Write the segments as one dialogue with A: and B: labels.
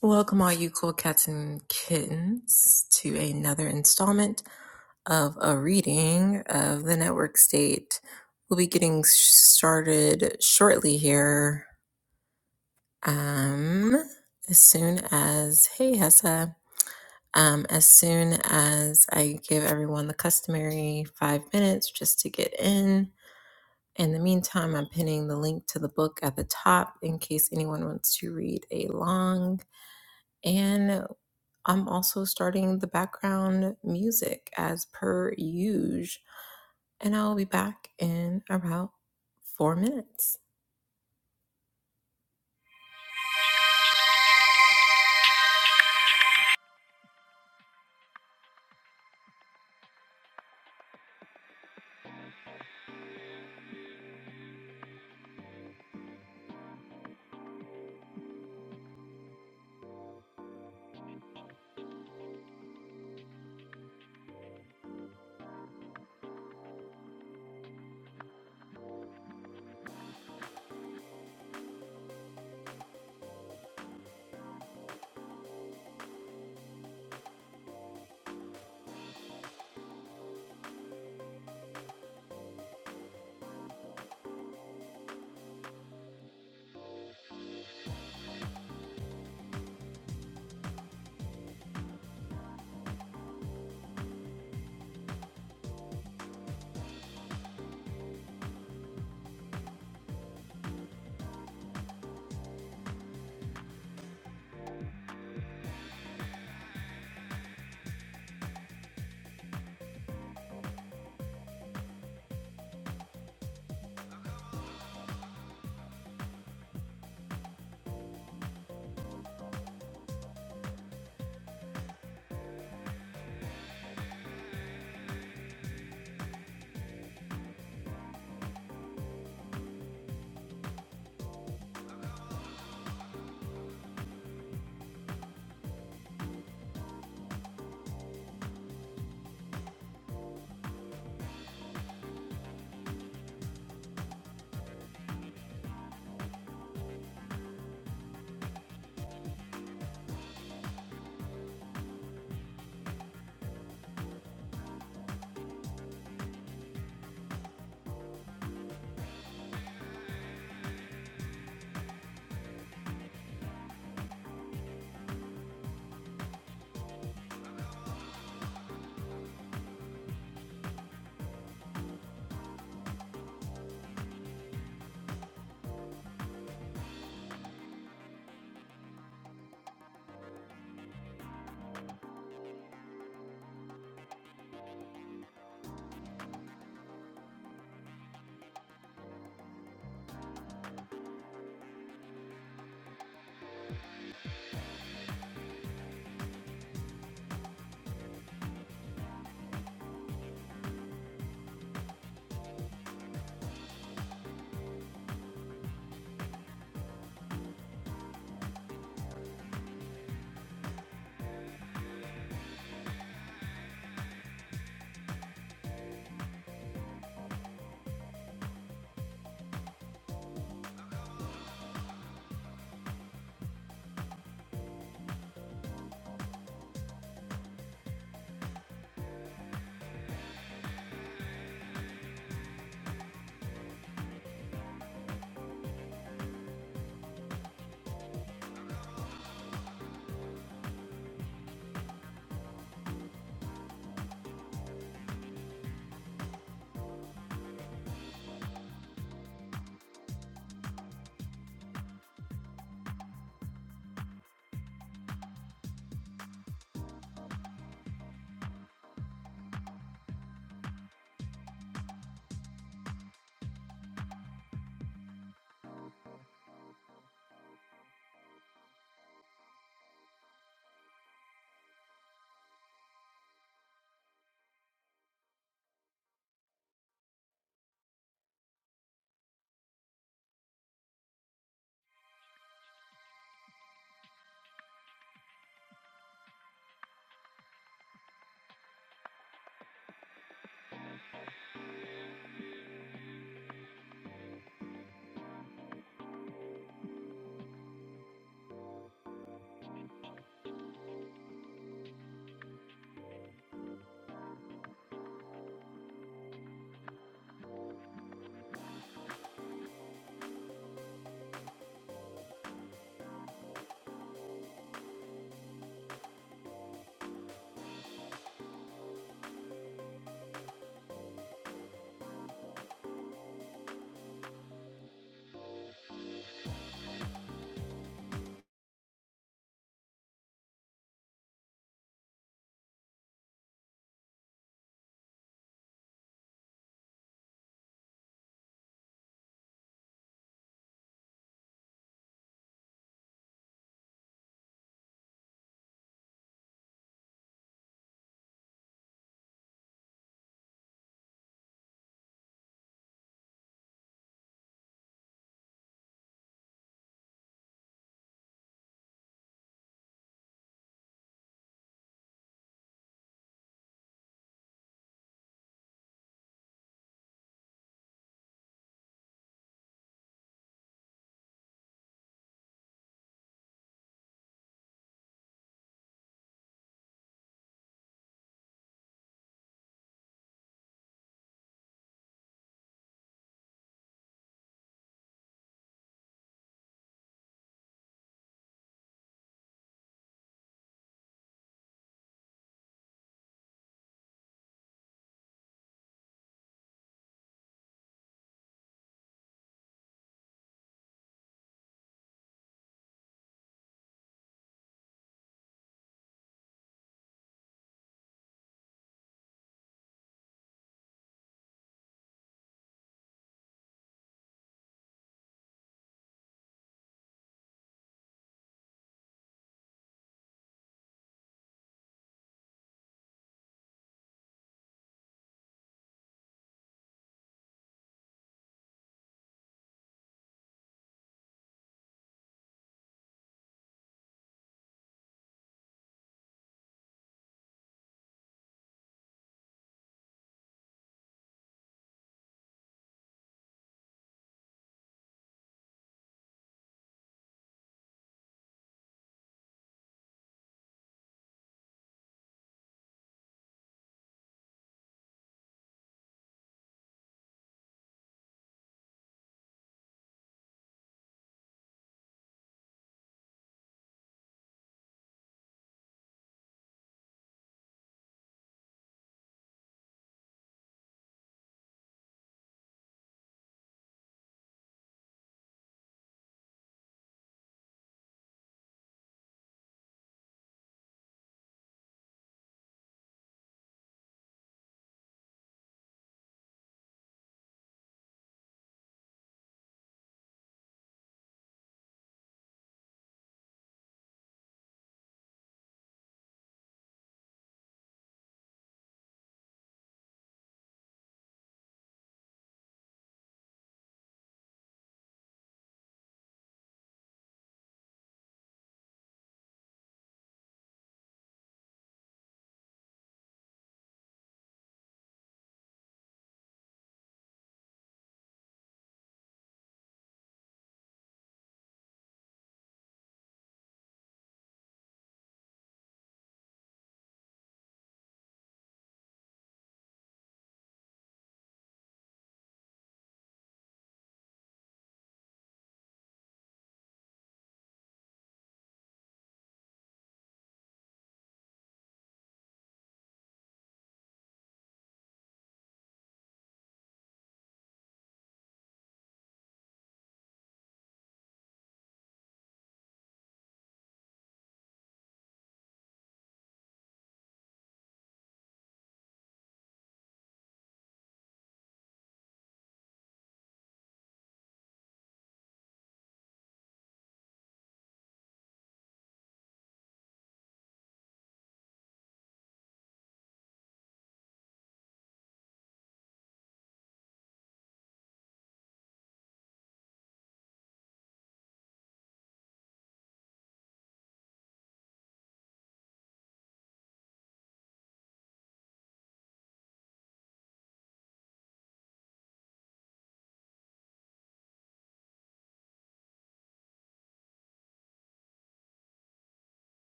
A: Welcome, all you cool cats and kittens, to another installment of a reading of the network state. We'll be getting started shortly here. Um, as soon as, hey, Hessa. Um, as soon as I give everyone the customary five minutes just to get in. In the meantime, I'm pinning the link to the book at the top in case anyone wants to read along. And I'm also starting the background music as per usual, and I'll be back in about four minutes.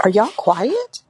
B: Are y'all quiet?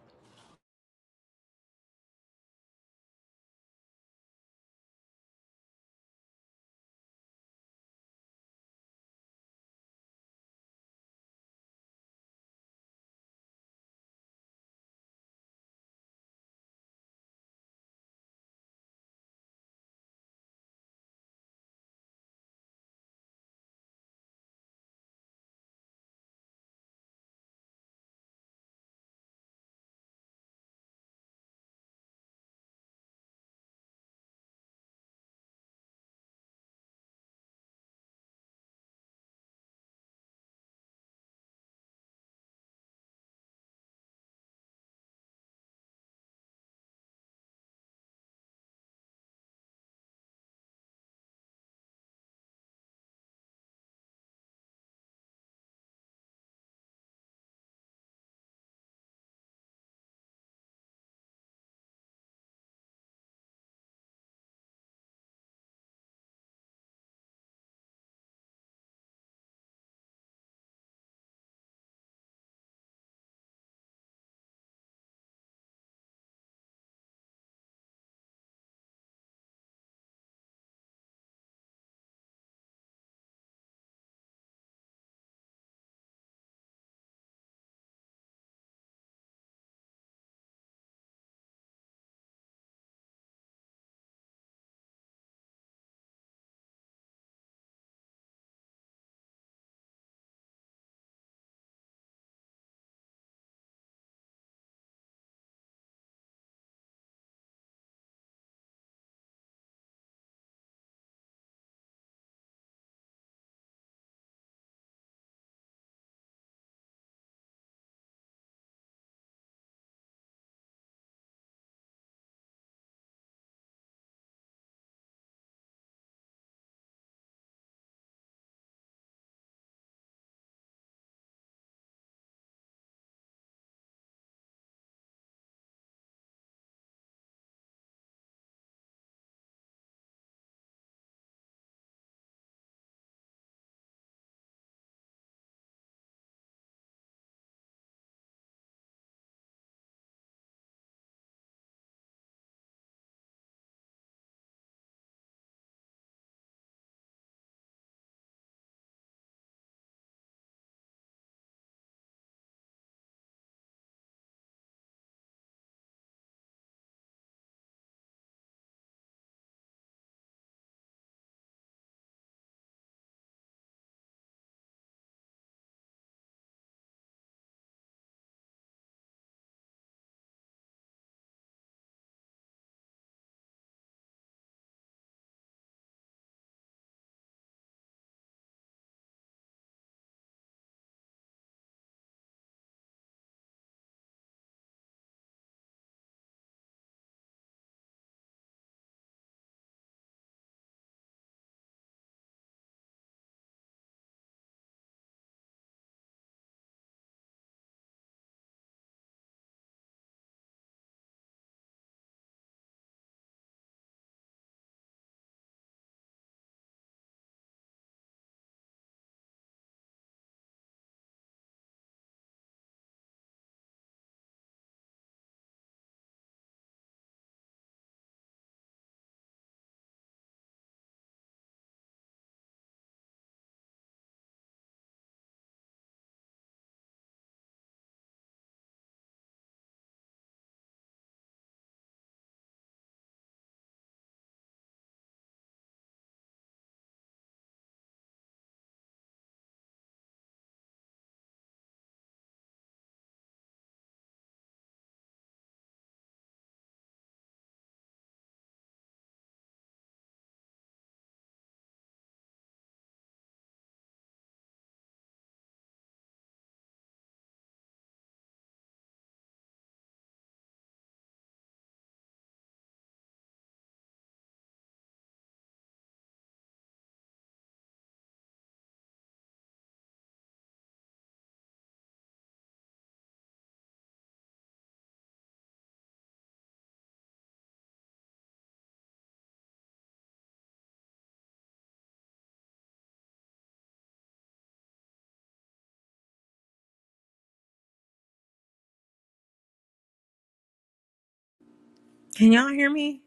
A: Can y'all hear me?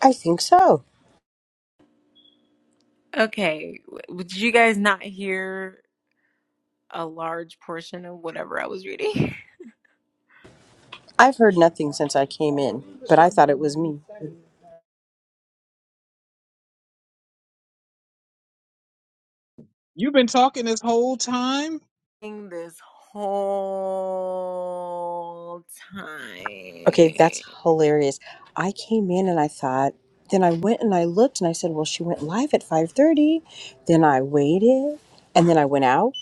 B: I think so.
A: Okay. w- Did you guys not hear a large portion of whatever I was reading?
B: I've heard nothing since I came in, but I thought it was me.
C: You've been talking this whole time.
A: this whole
B: Okay,
A: time.
B: that's hilarious. I came in and I thought, then I went and I looked and I said, well, she went live at 5:30. Then I waited, and then I went out,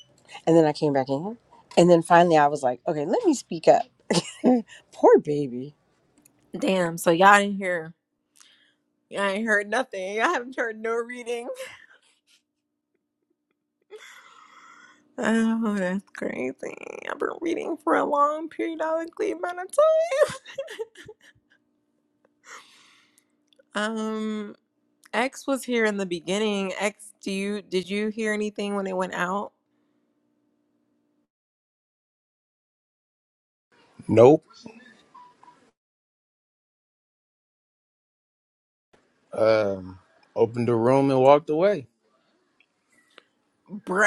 B: and then I came back in. And then finally I was like, okay, let me speak up. Poor baby.
A: Damn, so y'all didn't hear. Y'all ain't heard nothing. Y'all haven't heard no reading. Oh, that's crazy. I've been reading for a long periodically amount of time. Um, X was here in the beginning. X, do you did you hear anything when it went out?
D: Nope. Um, opened the room and walked away.
A: Bruh.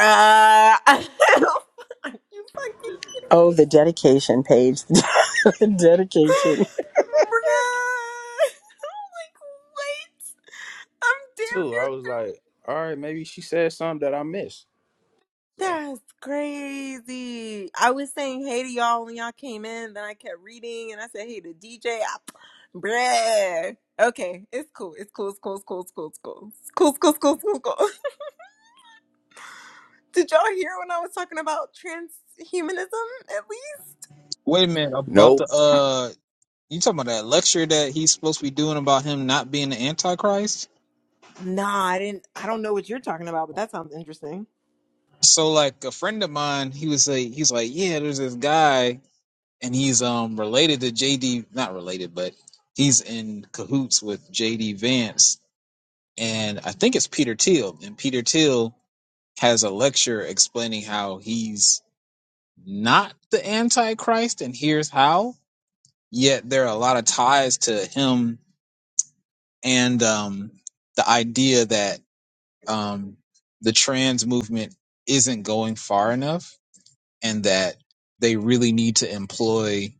A: Are you fucking kidding
B: Oh,
A: me?
B: the dedication page. the dedication.
A: Bruh. I'm like, wait. I'm damn
D: Too. I
A: near
D: was
A: through.
D: like, all right, maybe she said something that I missed. So.
A: That's crazy. I was saying hey to y'all when y'all came in, then I kept reading and I said hey to DJ. I, bruh. Okay, it's cool. It's cool. It's cool. It's cool. It's cool. It's cool. It's cool. It's cool. It's cool. It's cool. It's cool. Did y'all hear when I was talking about transhumanism at least?
C: Wait a minute about the
D: Nope.
C: uh, you talking about that lecture that he's supposed to be doing about him not being the Antichrist?
A: Nah, I didn't. I don't know what you're talking about, but that sounds interesting.
C: So like a friend of mine, he was like, he's like, yeah, there's this guy, and he's um related to JD, not related, but he's in cahoots with JD Vance, and I think it's Peter Thiel, and Peter Thiel has a lecture explaining how he's not the Antichrist, and here's how. Yet there are a lot of ties to him and um, the idea that um, the trans movement isn't going far enough and that they really need to employ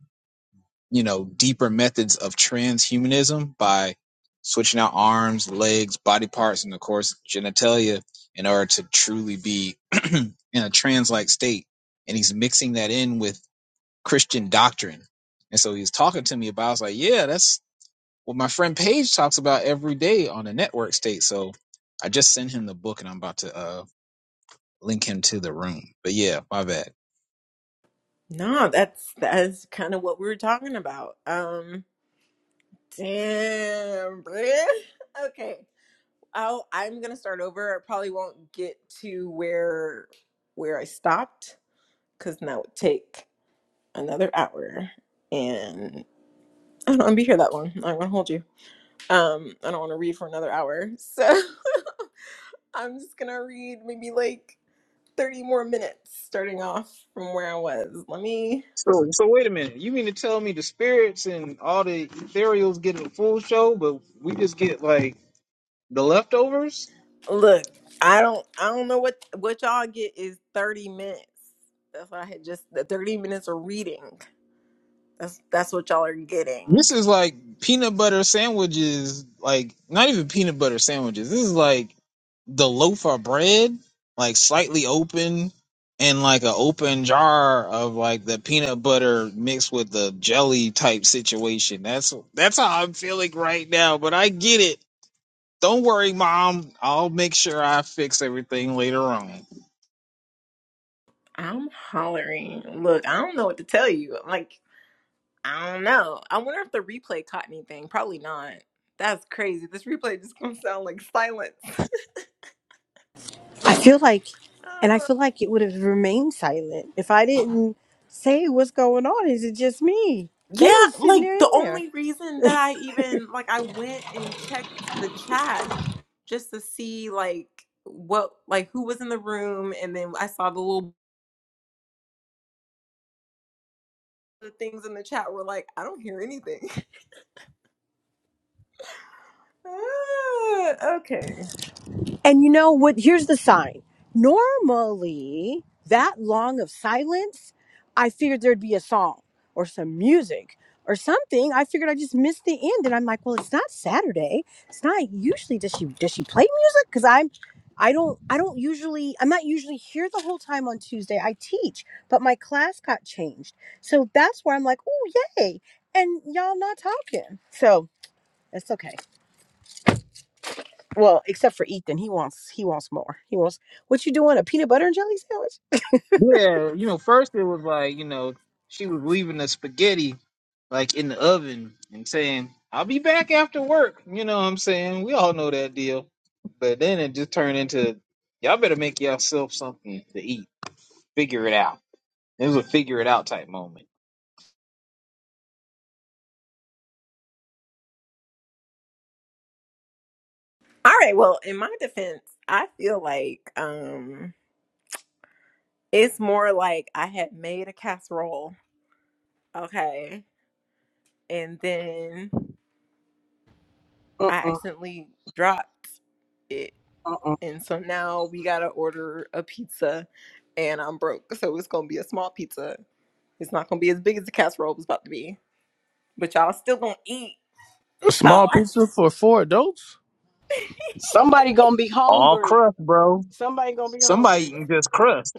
C: you know deeper methods of transhumanism by switching out arms legs body parts and of course genitalia in order to truly be in a trans-like state and he's mixing that in with christian doctrine and so he's talking to me about I was like yeah that's well, my friend Paige talks about every day on the network state. So I just sent him the book and I'm about to uh, link him to the room. But yeah, my bad.
A: No, that's that's kind of what we were talking about. Um, damn, bruh. Okay, I'll, I'm gonna start over. I probably won't get to where where I stopped because that would take another hour, and I don't want to be here that long. I don't want to hold you. Um, I don't want to read for another hour. So I'm just going to read maybe like 30 more minutes starting off from where I was. Let me
C: So, so wait a minute. You mean to tell me the spirits and all the ethereals get a full show, but we just get like the leftovers?
A: look. I don't I don't know what what y'all get is 30 minutes. That's what I had just the 30 minutes of reading. That's that's what y'all are getting.
C: This is like peanut butter sandwiches, like not even peanut butter sandwiches. This is like the loaf of bread, like slightly open, and like an open jar of like the peanut butter mixed with the jelly type situation. That's that's how I'm feeling right now. But I get it. Don't worry, mom. I'll make sure I fix everything later on.
A: I'm hollering. Look, I don't know what to tell you. I'm like, I don't know. I wonder if the replay caught anything. Probably not. That's crazy. This replay just gonna sound like silence.
B: I feel like, and I feel like it would have remained silent if I didn't say what's going on. Is it just me? They
A: Yeah,
B: was sitting there
A: like
B: in
A: the
B: there.
A: only reason that I even like I went and checked the chat just to see like what like who was in the room and then I saw the little the things in the chat were like I don't hear anything. Ah, okay.
B: And you know what? Here's the sign. Normally, that long of silence, I figured there'd be a song or some music or something. I figured I just missed the end, and I'm like, well, it's not Saturday. It's not usually. Does she does she play music? Because I'm, I don't I don't usually I'm not usually here the whole time on Tuesday. I teach, but my class got changed, so that's where I'm like, oh yay, and y'all not talking. So it's okay. Well, except for Ethan, he wants he wants more. He wants what you doing? A peanut butter and jelly sandwich?
C: Yeah, you know, first it was like, you know, she was leaving the spaghetti like in the oven and saying, I'll be back after work. You know what I'm saying? We all know that deal. But then it just turned into, y'all better make yourself something to eat. Figure it out. It was a figure it out type moment.
A: All right, well, in my defense, I feel like um it's more like I had made a casserole, okay? And then I
B: Uh-uh,
A: accidentally dropped it
B: uh-uh.
A: and so now we gotta order a pizza, and I'm broke, so it's gonna be a small pizza. It's not gonna be as big as the casserole was about to be, but y'all still gonna eat
D: A small
A: sauce.
D: pizza for four adults.
B: Somebody gonna be
C: All
B: hungry.
C: crust, bro.
B: Somebody gonna be
C: Somebody
B: hungry.
C: eating just crust.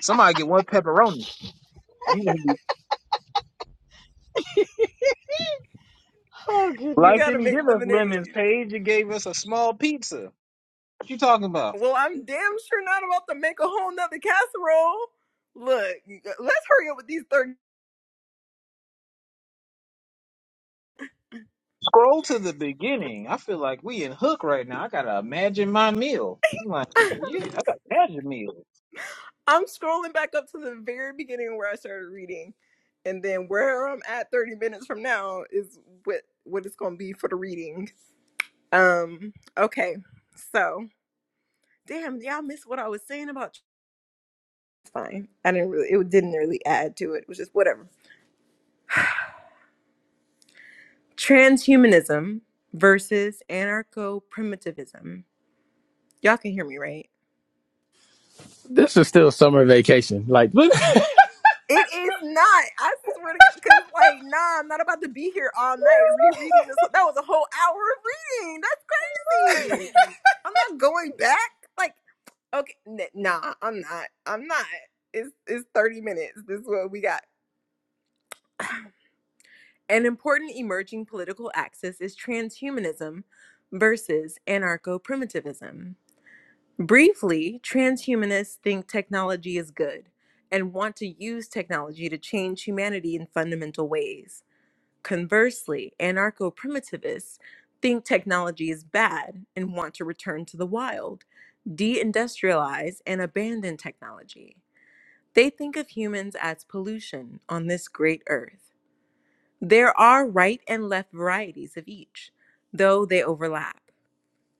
C: Somebody get one pepperoni. You gonna be-
A: You
C: Life
A: gotta
C: didn't
A: make
C: give us lemons,
A: lemonade.
C: Paige. It gave us a small pizza. What you talking about?
A: Well, I'm damn sure not about to make a whole nother casserole. Look, let's hurry up with these thirty.
C: Scroll to the beginning. I feel like we in Hook right now. I gotta imagine my meal. I'm like, yeah, I gotta imagine meal.
A: I'm scrolling back up to the very beginning where I started reading, and then where I'm at 30 minutes from now is what what it's gonna be for the reading. Um, okay, so. Damn, y'all missed what I was saying about. It's fine. I didn't really. It didn't really add to it. It was just whatever. Transhumanism versus anarcho-primitivism. Y'all can hear me, right?
D: This is still summer vacation. Like, what?
A: It is not. I swear to God. Because, like, nah, I'm not about to be here all night rereading this. That was a whole hour of reading. That's crazy. I'm not going back. Like, okay, n- nah, I'm not. I'm not. It's it's 30 minutes. This is what we got. An important emerging political axis is transhumanism versus anarcho primitivism. Briefly, transhumanists think technology is good and want to use technology to change humanity in fundamental ways. Conversely, anarcho primitivists think technology is bad and want to return to the wild, deindustrialize, and abandon technology. They think of humans as pollution on this great earth. There are right and left varieties of each, though they overlap.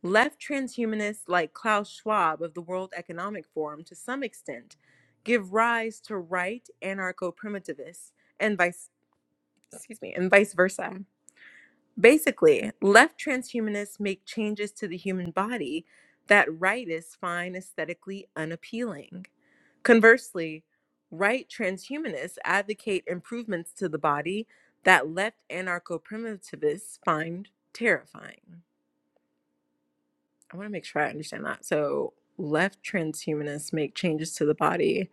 A: Left transhumanists like Klaus Schwab of the World Economic Forum, to some extent, give rise to right anarcho-primitivists and vice excuse me, and vice versa. Basically, left transhumanists make changes to the human body that rightists find aesthetically unappealing. Conversely, right transhumanists advocate improvements to the body that left anarcho primitivists find terrifying. I want to make sure I understand that. So, left transhumanists make changes to the body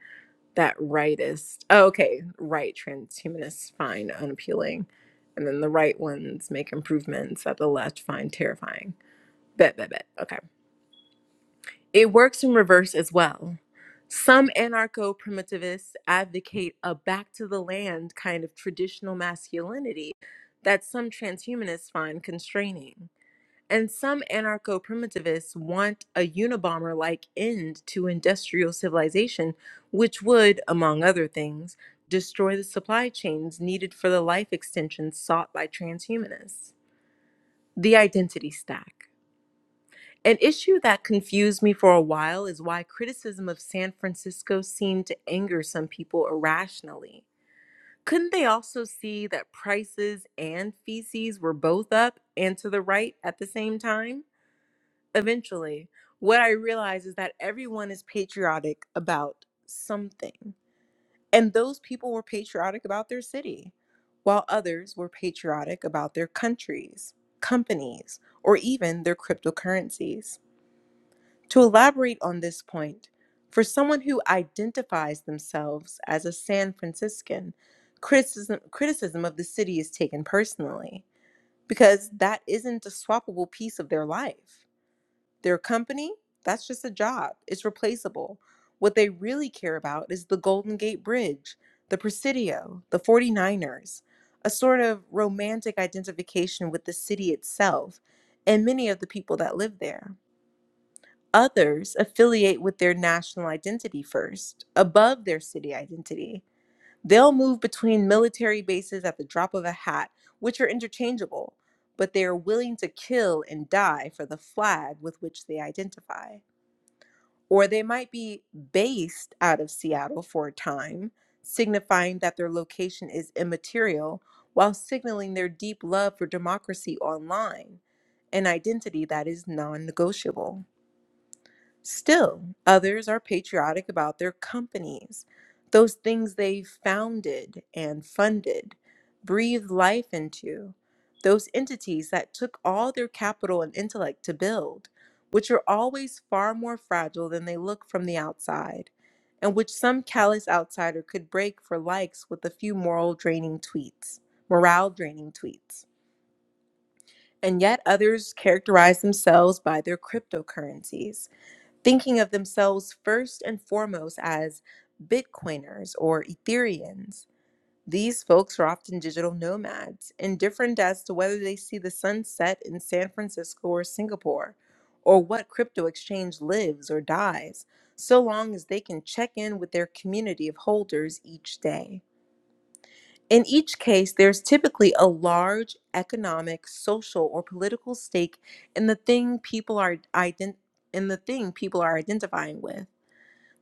A: that rightist, oh, okay, right transhumanists find unappealing. And then the right ones make improvements that the left find terrifying. Bet, bet, bet. Okay. It works in reverse as well. Some anarcho primitivists advocate a back to the land kind of traditional masculinity that some transhumanists find constraining. And some anarcho primitivists want a Unabomber like end to industrial civilization, which would, among other things, destroy the supply chains needed for the life extensions sought by transhumanists. The identity stack. An issue that confused me for a while is why criticism of San Francisco seemed to anger some people irrationally. Couldn't they also see that prices and feces were both up and to the right at the same time? Eventually, what I realized is that everyone is patriotic about something. And those people were patriotic about their city, while others were patriotic about their countries, companies, or even their cryptocurrencies. To elaborate on this point, for someone who identifies themselves as a San Franciscan, criticism, criticism of the city is taken personally because that isn't a swappable piece of their life. Their company, that's just a job, it's replaceable. What they really care about is the Golden Gate Bridge, the Presidio, the 49ers, a sort of romantic identification with the city itself and many of the people that live there. Others affiliate with their national identity first, above their city identity. They'll move between military bases at the drop of a hat, which are interchangeable, but they are willing to kill and die for the flag with which they identify. Or they might be based out of Seattle for a time, signifying that their location is immaterial while signaling their deep love for democracy online, an identity that is non negotiable. Still, others are patriotic about their companies, those things they founded and funded, breathed life into, those entities that took all their capital and intellect to build, which are always far more fragile than they look from the outside, and which some callous outsider could break for likes with a few moral draining tweets, morale draining tweets. And yet others characterize themselves by their cryptocurrencies thinking of themselves first and foremost as Bitcoiners or Ethereans. These folks are often digital nomads, indifferent as to whether they see the sunset in San Francisco or Singapore, or what crypto exchange lives or dies, so long as they can check in with their community of holders each day. In each case, there's typically a large economic, social, or political stake in the thing people are ident- in the thing people are identifying with.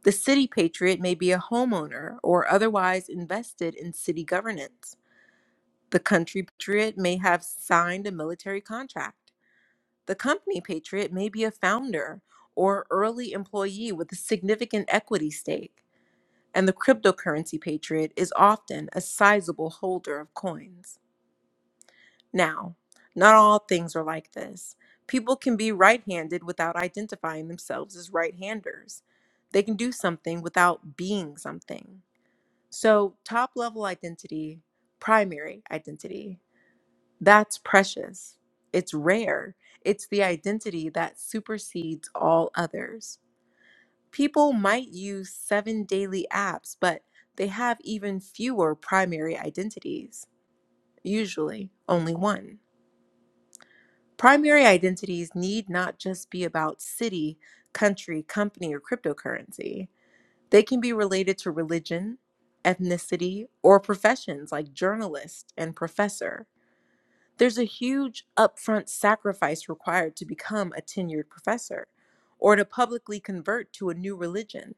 A: The city patriot may be a homeowner or otherwise invested in city governance. The country patriot may have signed a military contract. The company patriot may be a founder or early employee with a significant equity stake. And the cryptocurrency patriot is often a sizable holder of coins. Now, not all things are like this. People can be right handed without identifying themselves as right handers. They can do something without being something. So, top level identity, primary identity, that's precious. It's rare. It's the identity that supersedes all others. People might use seven daily apps, but they have even fewer primary identities, usually only one. Primary identities need not just be about city, country, company, or cryptocurrency. They can be related to religion, ethnicity, or professions like journalist and professor. There's a huge upfront sacrifice required to become a tenured professor or to publicly convert to a new religion.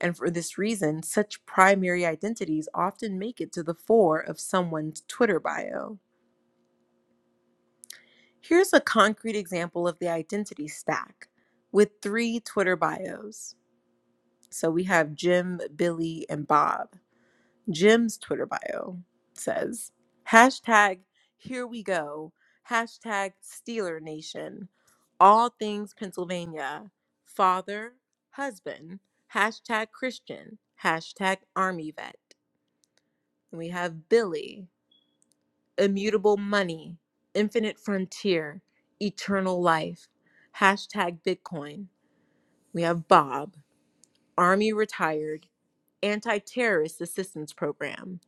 A: And for this reason, such primary identities often make it to the fore of someone's Twitter bio. Here's a concrete example of the identity stack with three Twitter bios. So we have Jim, Billy, and Bob. Jim's Twitter bio says hashtag here we go, hashtag Steeler Nation, all things Pennsylvania, father, husband, hashtag Christian, hashtag Army vet. And we have Billy, immutable money, infinite frontier, eternal life, hashtag Bitcoin. We have Bob. Army retired, anti terrorist assistance program,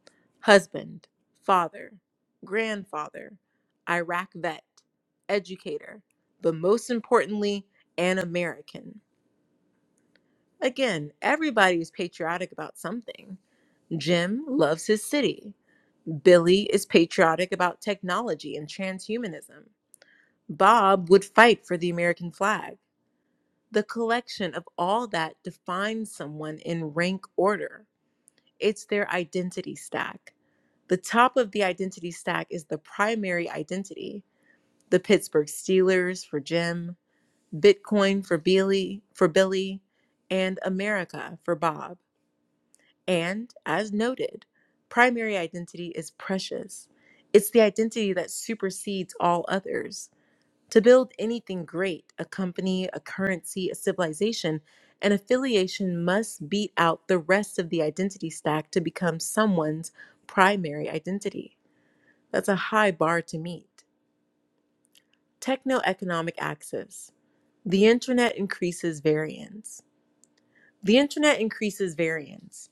A: husband, father, grandfather, Iraq vet, educator, but most importantly, an American. Again, everybody is patriotic about something. Jim loves his city. Billy is patriotic about technology and transhumanism. Bob would fight for the American flag. The collection of all that defines someone in rank order. it's their identity stack. The top of the identity stack is the primary identity. The Pittsburgh Steelers for Jim, Bitcoin for Billy, for Billy, and America for Bob. And as noted, primary identity is precious. It's the identity that supersedes all others. To build anything great, a company, a currency, a civilization, an affiliation must beat out the rest of the identity stack to become someone's primary identity. That's a high bar to meet. Techno economic axis. The internet increases variance. The internet increases variance.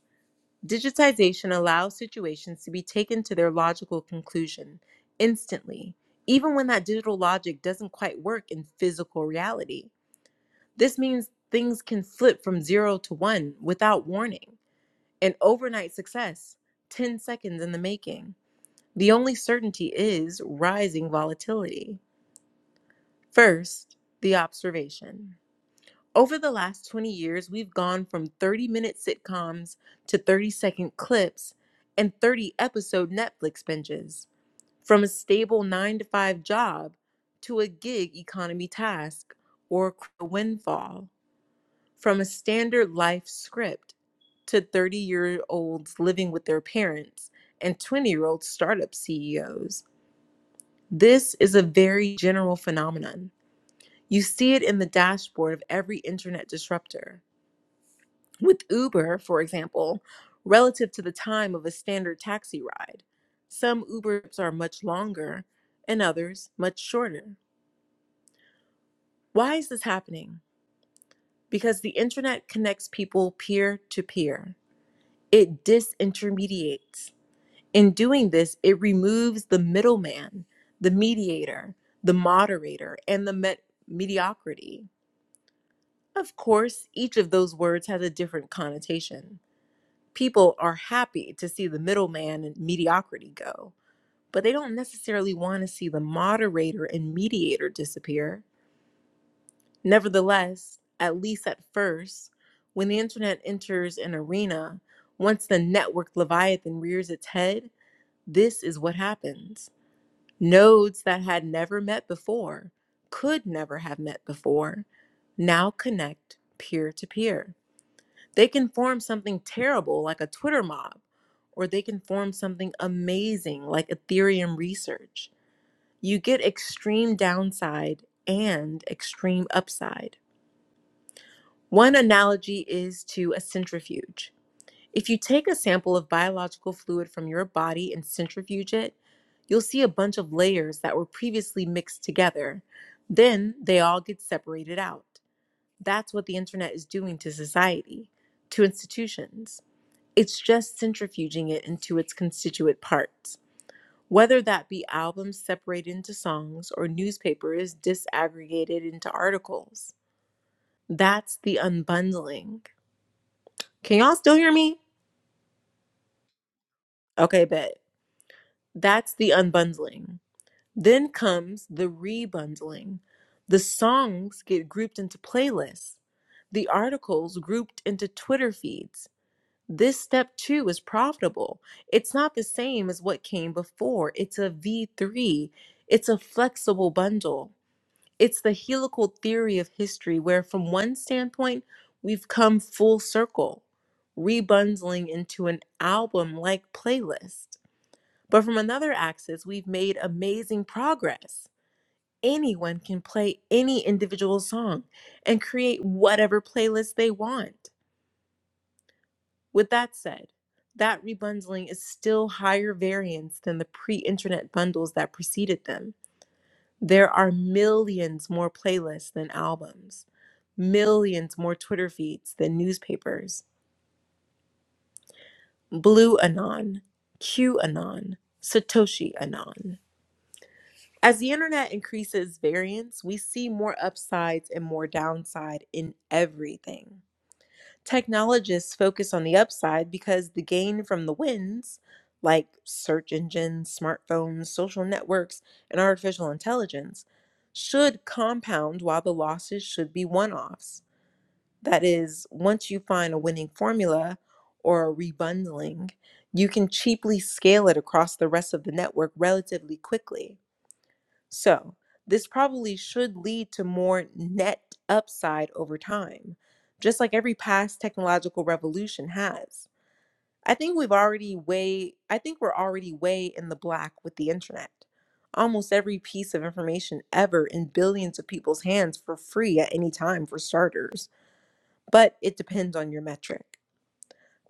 A: Digitization allows situations to be taken to their logical conclusion instantly, even when that digital logic doesn't quite work in physical reality. This means things can slip from zero to one without warning. An overnight success, 10 seconds in the making. The only certainty is rising volatility. First, the observation. Over the last 20 years, we've gone from 30 minute sitcoms to 30 second clips and 30 episode Netflix binges, from a stable 9 to 5 job to a gig economy task or a windfall from a standard life script to 30 year olds living with their parents and 20 year old startup CEOs. This is a very general phenomenon. You see it in the dashboard of every internet disruptor. With Uber, for example, relative to the time of a standard taxi ride, some Uber trips are much longer and others much shorter. Why is this happening? Because the internet connects people peer to peer. It disintermediates. In doing this, it removes the middleman, the mediator, the moderator, and the met- mediocrity. Of course, each of those words has a different connotation. People are happy to see the middleman and mediocrity go, but they don't necessarily want to see the moderator and mediator disappear. Nevertheless, at least at first, when the internet enters an arena, once the network Leviathan rears its head, This is what happens. Nodes that had never met before, could never have met before, now connect peer to peer. They can form something terrible like a Twitter mob, or they can form something amazing like Ethereum research. You get extreme downside and extreme upside. One analogy is to a centrifuge. If you take a sample of biological fluid from your body and centrifuge it, you'll see a bunch of layers that were previously mixed together. Then they all get separated out. That's what the internet is doing to society, to institutions. It's just centrifuging it into its constituent parts. Whether that be albums separated into songs or newspapers disaggregated into articles. That's the unbundling. Can y'all still hear me? Okay, bet. That's the unbundling. Then comes the rebundling. The songs get grouped into playlists, the articles grouped into Twitter feeds. This step too is profitable. It's not the same as what came before. It's a V3, it's a flexible bundle. It's the helical theory of history, where from one standpoint, we've come full circle, rebundling into an album like playlist. But from another axis, we've made amazing progress anyone can play any individual song and create whatever playlist they want. With that said, that rebundling is still higher variance than the pre internet bundles that preceded them. There are millions more playlists than albums, millions more Twitter feeds than newspapers. Blue Anon, Q Anon, Satoshi Anon. As the internet increases variance, we see more upsides and more downside in everything. Technologists focus on the upside because the gain from the wins, like search engines, smartphones, social networks, and artificial intelligence, should compound while the losses should be one offs. That is, once you find a winning formula or a rebundling, you can cheaply scale it across the rest of the network relatively quickly. So, this probably should lead to more net upside over time, just like every past technological revolution has. I think we've already way I think we're already way in the black with the internet. Almost every piece of information ever in billions of people's hands for free at any time for starters, but it depends on your metric.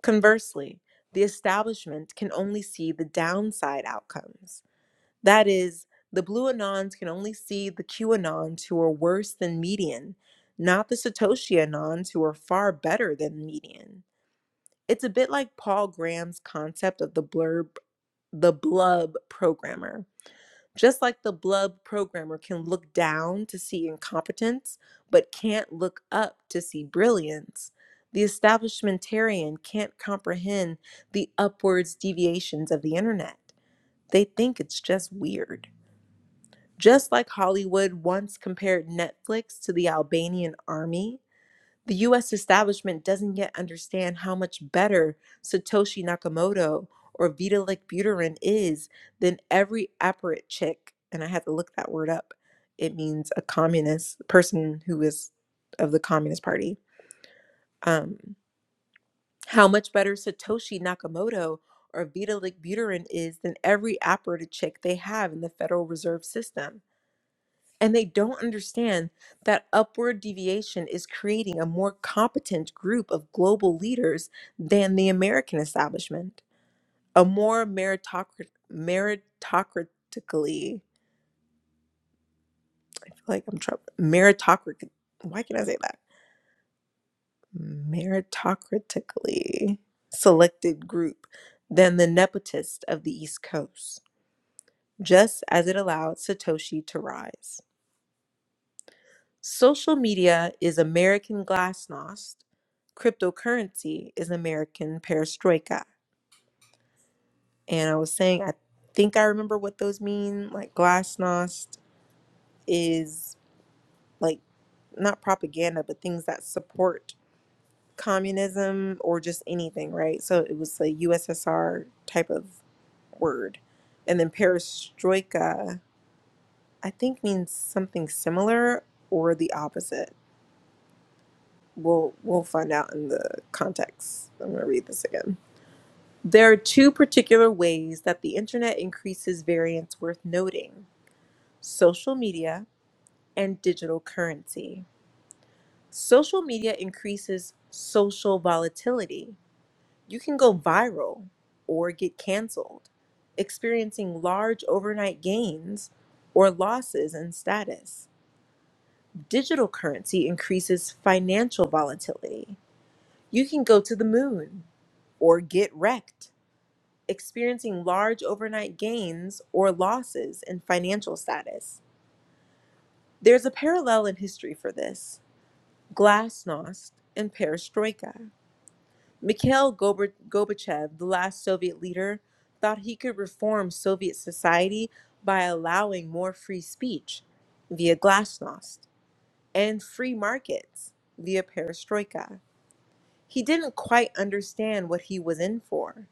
A: Conversely, the establishment can only see the downside outcomes that is, the blue Anons can only see the Q anons who are worse than median, not the Satoshi Anons who are far better than median. It's a bit like Paul Graham's concept of the blurb, the blub programmer. Just like the blub programmer can look down to see incompetence, but can't look up to see brilliance, the establishmentarian can't comprehend the upwards deviations of the internet. They think it's just weird. Just like Hollywood once compared Netflix to the Albanian army, the US establishment doesn't yet understand how much better Satoshi Nakamoto or Vitalik Buterin is than every apparat chick. And I had to look that word up. It means a communist person who is of the Communist Party. Um, how much better Satoshi Nakamoto or Vitalik Buterin is than every apparat chick they have in the Federal Reserve System and they don't understand that upward deviation is creating a more competent group of global leaders than the American establishment, a more meritocrat, meritocratically, I feel like I'm trouble, meritocratic, why can I say that? Meritocratically selected group than the nepotist of the East Coast, just as it allowed Satoshi to rise. Social media is American glasnost. Cryptocurrency is American perestroika. And I was saying, I think I remember what those mean. Like glasnost is like not propaganda, but things that support communism or just anything, right? So it was a USSR type of word. And then perestroika, I think means something similar or the opposite. we'll we'll find out in the context. I'm going to read this again. There are two particular ways that the internet increases variance worth noting: social media and digital currency. Social media increases social volatility. You can go viral or get canceled, experiencing large overnight gains or losses in status. Digital currency increases financial volatility. You can go to the moon or get wrecked, experiencing large overnight gains or losses in financial status. There's a parallel in history for this glasnost and perestroika. Mikhail Gorbachev, the last Soviet leader, thought he could reform Soviet society by allowing more free speech via glasnost and free markets via perestroika. He didn't quite understand what he was in for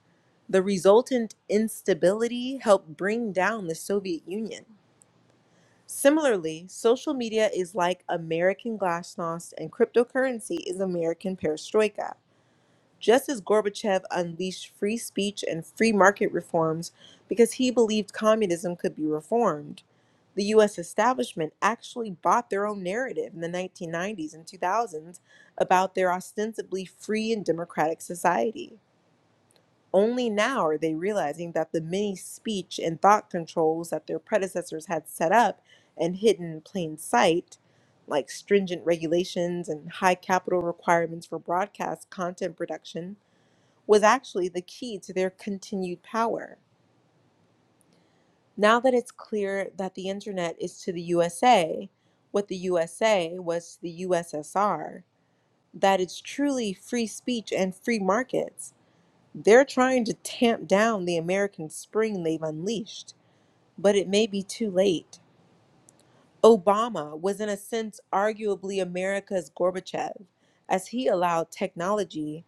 A: The resultant instability helped bring down the Soviet Union. Similarly, social media is like American glasnost and cryptocurrency is American perestroika. Just as Gorbachev unleashed free speech and free market reforms because he believed communism could be reformed, the US establishment actually bought their own narrative in the 1990s and 2000s about their ostensibly free and democratic society. Only now are they realizing that the many speech and thought controls that their predecessors had set up and hidden in plain sight, like stringent regulations and high capital requirements for broadcast content production, was actually the key to their continued power. Now that it's clear that the internet is to the USA what the USA was to the USSR, that it's truly free speech and free markets They're trying to tamp down the American spring they've unleashed, but it may be too late. Obama was, in a sense, arguably America's Gorbachev, as he allowed technology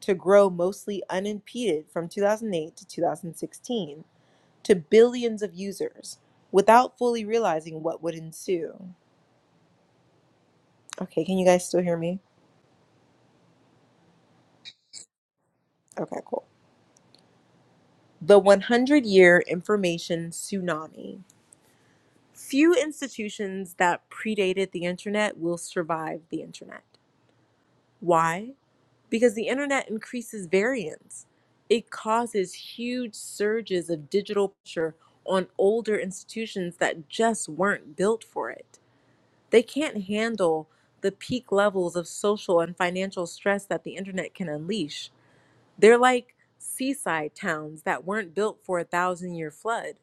A: to grow mostly unimpeded from 2008 to 2016 to billions of users without fully realizing what would ensue. Okay, can you guys still hear me? Okay, cool. The 100 year information tsunami. Few institutions that predated the internet will survive the internet. Why? Because the internet increases variance. It causes huge surges of digital pressure on older institutions that just weren't built for it. They can't handle the peak levels of social and financial stress that the internet can unleash. They're like seaside towns that weren't built for a thousand year flood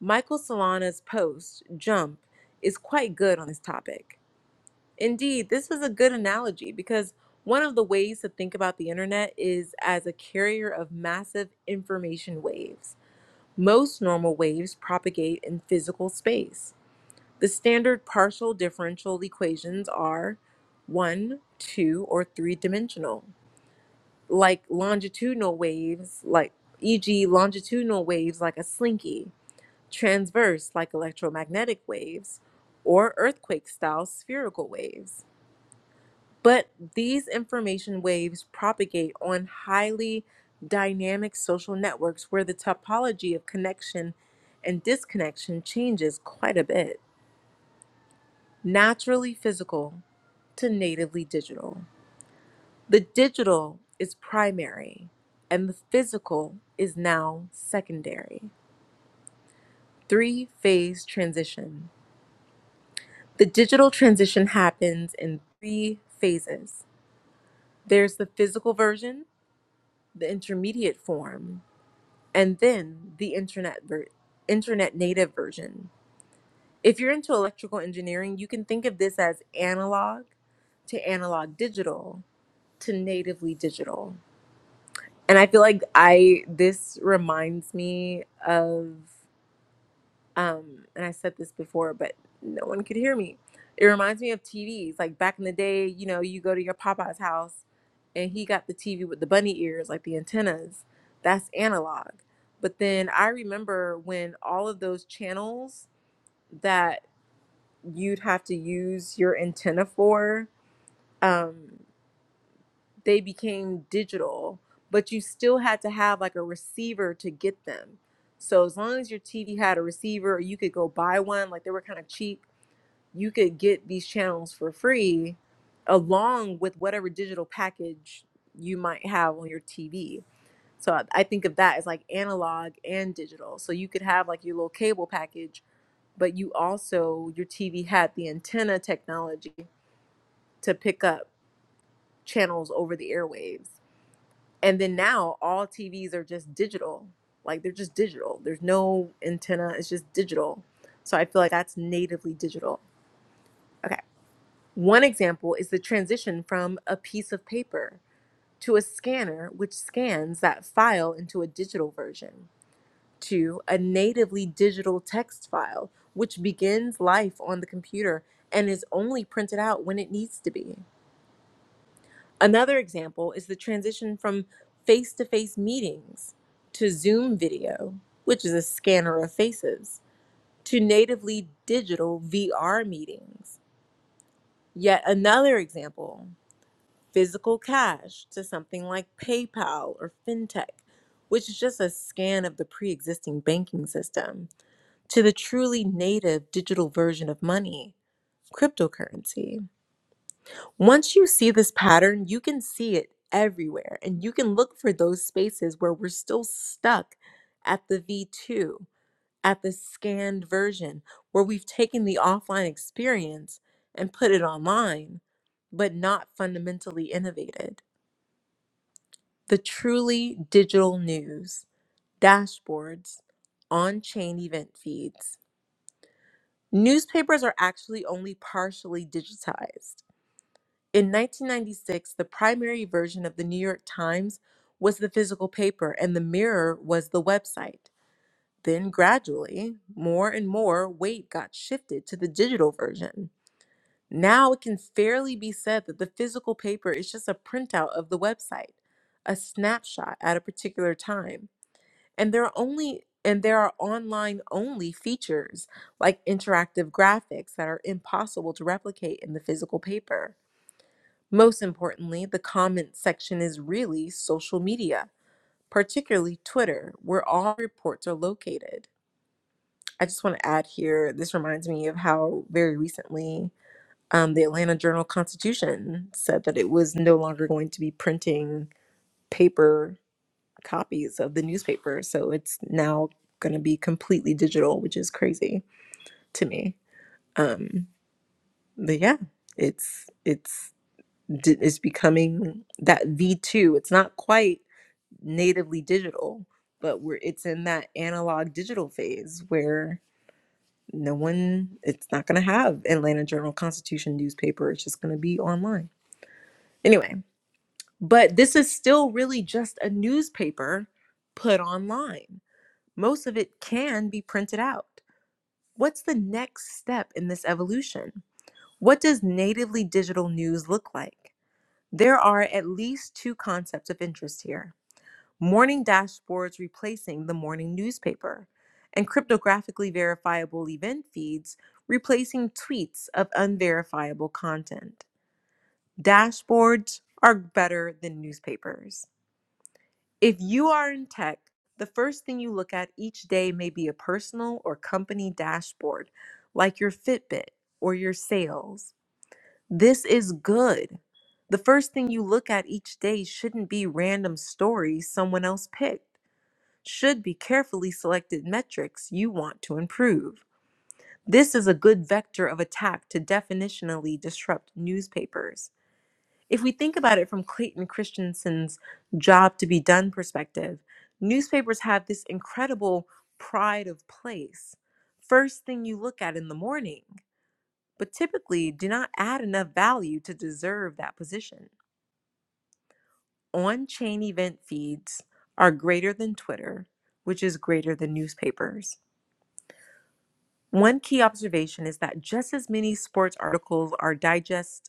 A: Michael Solana's post, Jump, is quite good on this topic. Indeed, this is a good analogy because one of the ways to think about the internet is as a carrier of massive information waves. Most normal waves propagate in physical space. The standard partial differential equations are one, two, or three dimensional, like longitudinal waves, like e.g., longitudinal waves like a slinky transverse like electromagnetic waves, or earthquake style spherical waves. But these information waves propagate on highly dynamic social networks where the topology of connection and disconnection changes quite a bit. Naturally physical to natively digital. The digital is primary, and the physical is now secondary. Three phase transition. The digital transition happens in three phases there's the physical version, the intermediate form, and then the internet, ver- internet native version. If you're into electrical engineering, you can think of this as analog to analog digital to natively digital. And I feel like I this reminds me of um, and I said this before, but no one could hear me. It reminds me of TVs. Like back in the day, you know, you go to your Popeye's house and he got the TV with the bunny ears, like the antennas. That's analog. But then I remember when all of those channels that you'd have to use your antenna for, um, they became digital, but you still had to have like a receiver to get them. So as long as your TV had a receiver, or you could go buy one. Like they were kind of cheap you could get these channels for free along with whatever digital package you might have on your TV. So I I think of that as like analog and digital. So you could have like your little cable package, but you also, your TV had the antenna technology to pick up channels over the airwaves. And then now all TVs are just digital. Like they're just digital. There's no antenna, it's just digital. So I feel like that's natively digital. Okay. One example is the transition from a piece of paper to a scanner, which scans that file into a digital version, to a natively digital text file, which begins life on the computer and is only printed out when it needs to be. Another example is the transition from face to face meetings to Zoom video, which is a scanner of faces, to natively digital VR meetings. Yet another example physical cash to something like PayPal or FinTech, which is just a scan of the pre existing banking system, to the truly native digital version of money, cryptocurrency. Once you see this pattern, you can see it everywhere, and you can look for those spaces where we're still stuck at the V2, at the scanned version, where we've taken the offline experience and put it online, but not fundamentally innovated. The truly digital news, dashboards, on chain event feeds. Newspapers are actually only partially digitized. In 1996, the primary version of the New York Times was the physical paper, and the Mirror was the website. Then, gradually, more and more weight got shifted to the digital version. Now it can fairly be said that the physical paper is just a printout of the website, a snapshot at a particular time. and there are only and there are online only features like interactive graphics that are impossible to replicate in the physical paper. Most importantly, the comment section is really social media, particularly Twitter, where all reports are located. I just want to add here this reminds me of how very recently um, the Atlanta Journal Constitution said that it was no longer going to be printing paper copies of the newspaper. So it's now going to be completely digital, which is crazy to me. Um, but yeah, it's it's it's becoming that V2. It's not quite natively digital, but we're it's in that analog digital phase where no one it's not going to have Atlanta Journal Constitution newspaper. It's just going to be online. Anyway, but this is still really just a newspaper put online Most of it can be printed out. What's the next step in this evolution? What does natively digital news look like? There are at least two concepts of interest here morning dashboards replacing the morning newspaper, and cryptographically verifiable event feeds replacing tweets of unverifiable content. Dashboards are better than newspapers. If you are in tech, the first thing you look at each day may be a personal or company dashboard, like your Fitbit or your sales. This is good. The first thing you look at each day shouldn't be random stories someone else picked, should be carefully selected metrics you want to improve. This is a good vector of attack to definitionally disrupt newspapers. If we think about it from Clayton Christensen's job to be done perspective, newspapers have this incredible pride of place. First thing you look at in the morning, but typically do not add enough value to deserve that position. On chain event feeds are greater than Twitter, which is greater than newspapers. One key observation is that just as many sports articles are digests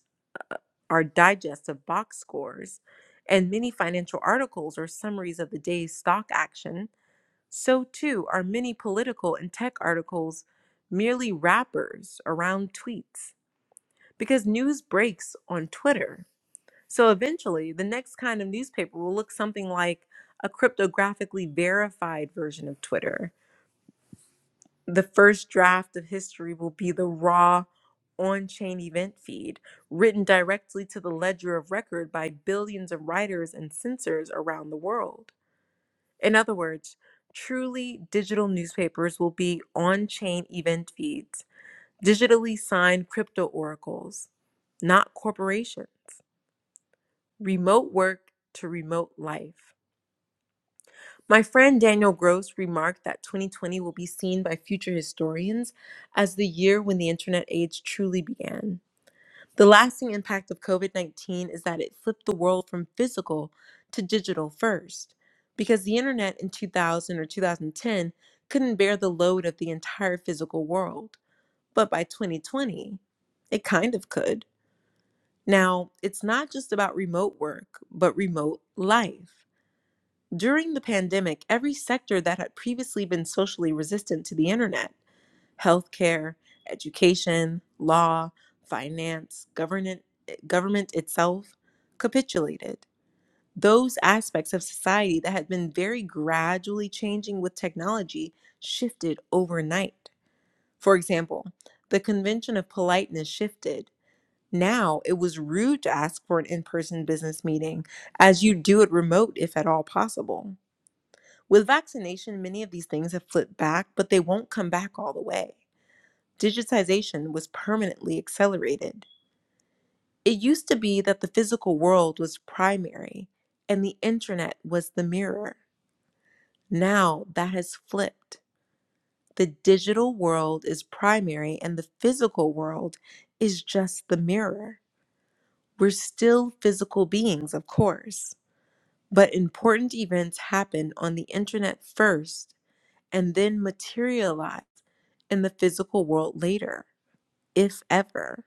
A: our digest of box scores, and many financial articles or summaries of the day's stock action, so too are many political and tech articles merely wrappers around tweets because news breaks on Twitter. So eventually, the next kind of newspaper will look something like a cryptographically verified version of Twitter the first draft of history will be the raw on chain event feed, written directly to the ledger of record by billions of writers and censors around the world. In other words, truly digital newspapers will be on chain event feeds, digitally signed crypto oracles, not corporations. Remote work to remote life. My friend Daniel Gross remarked that 2020 will be seen by future historians as the year when the internet age truly began. The lasting impact of COVID 19 is that it flipped the world from physical to digital first, because the internet in 2000 or 2010 couldn't bear the load of the entire physical world. But by 2020, it kind of could. Now, it's not just about remote work, but remote life. During the pandemic, every sector that had previously been socially resistant to the internet healthcare, education, law, finance, government, eh, government itself capitulated. Those aspects of society that had been very gradually changing with technology shifted overnight. For example, the convention of politeness shifted. Now it was rude to ask for an in person business meeting, as you do it remote if at all possible. With vaccination, many of these things have flipped back, but they won't come back all the way. Digitization was permanently accelerated. It used to be that the physical world was primary and the internet was the mirror. Now that has flipped. The digital world is primary and the physical world is just the mirror. We're still physical beings, of course, but important events happen on the internet first and then materialize in the physical world later, if ever.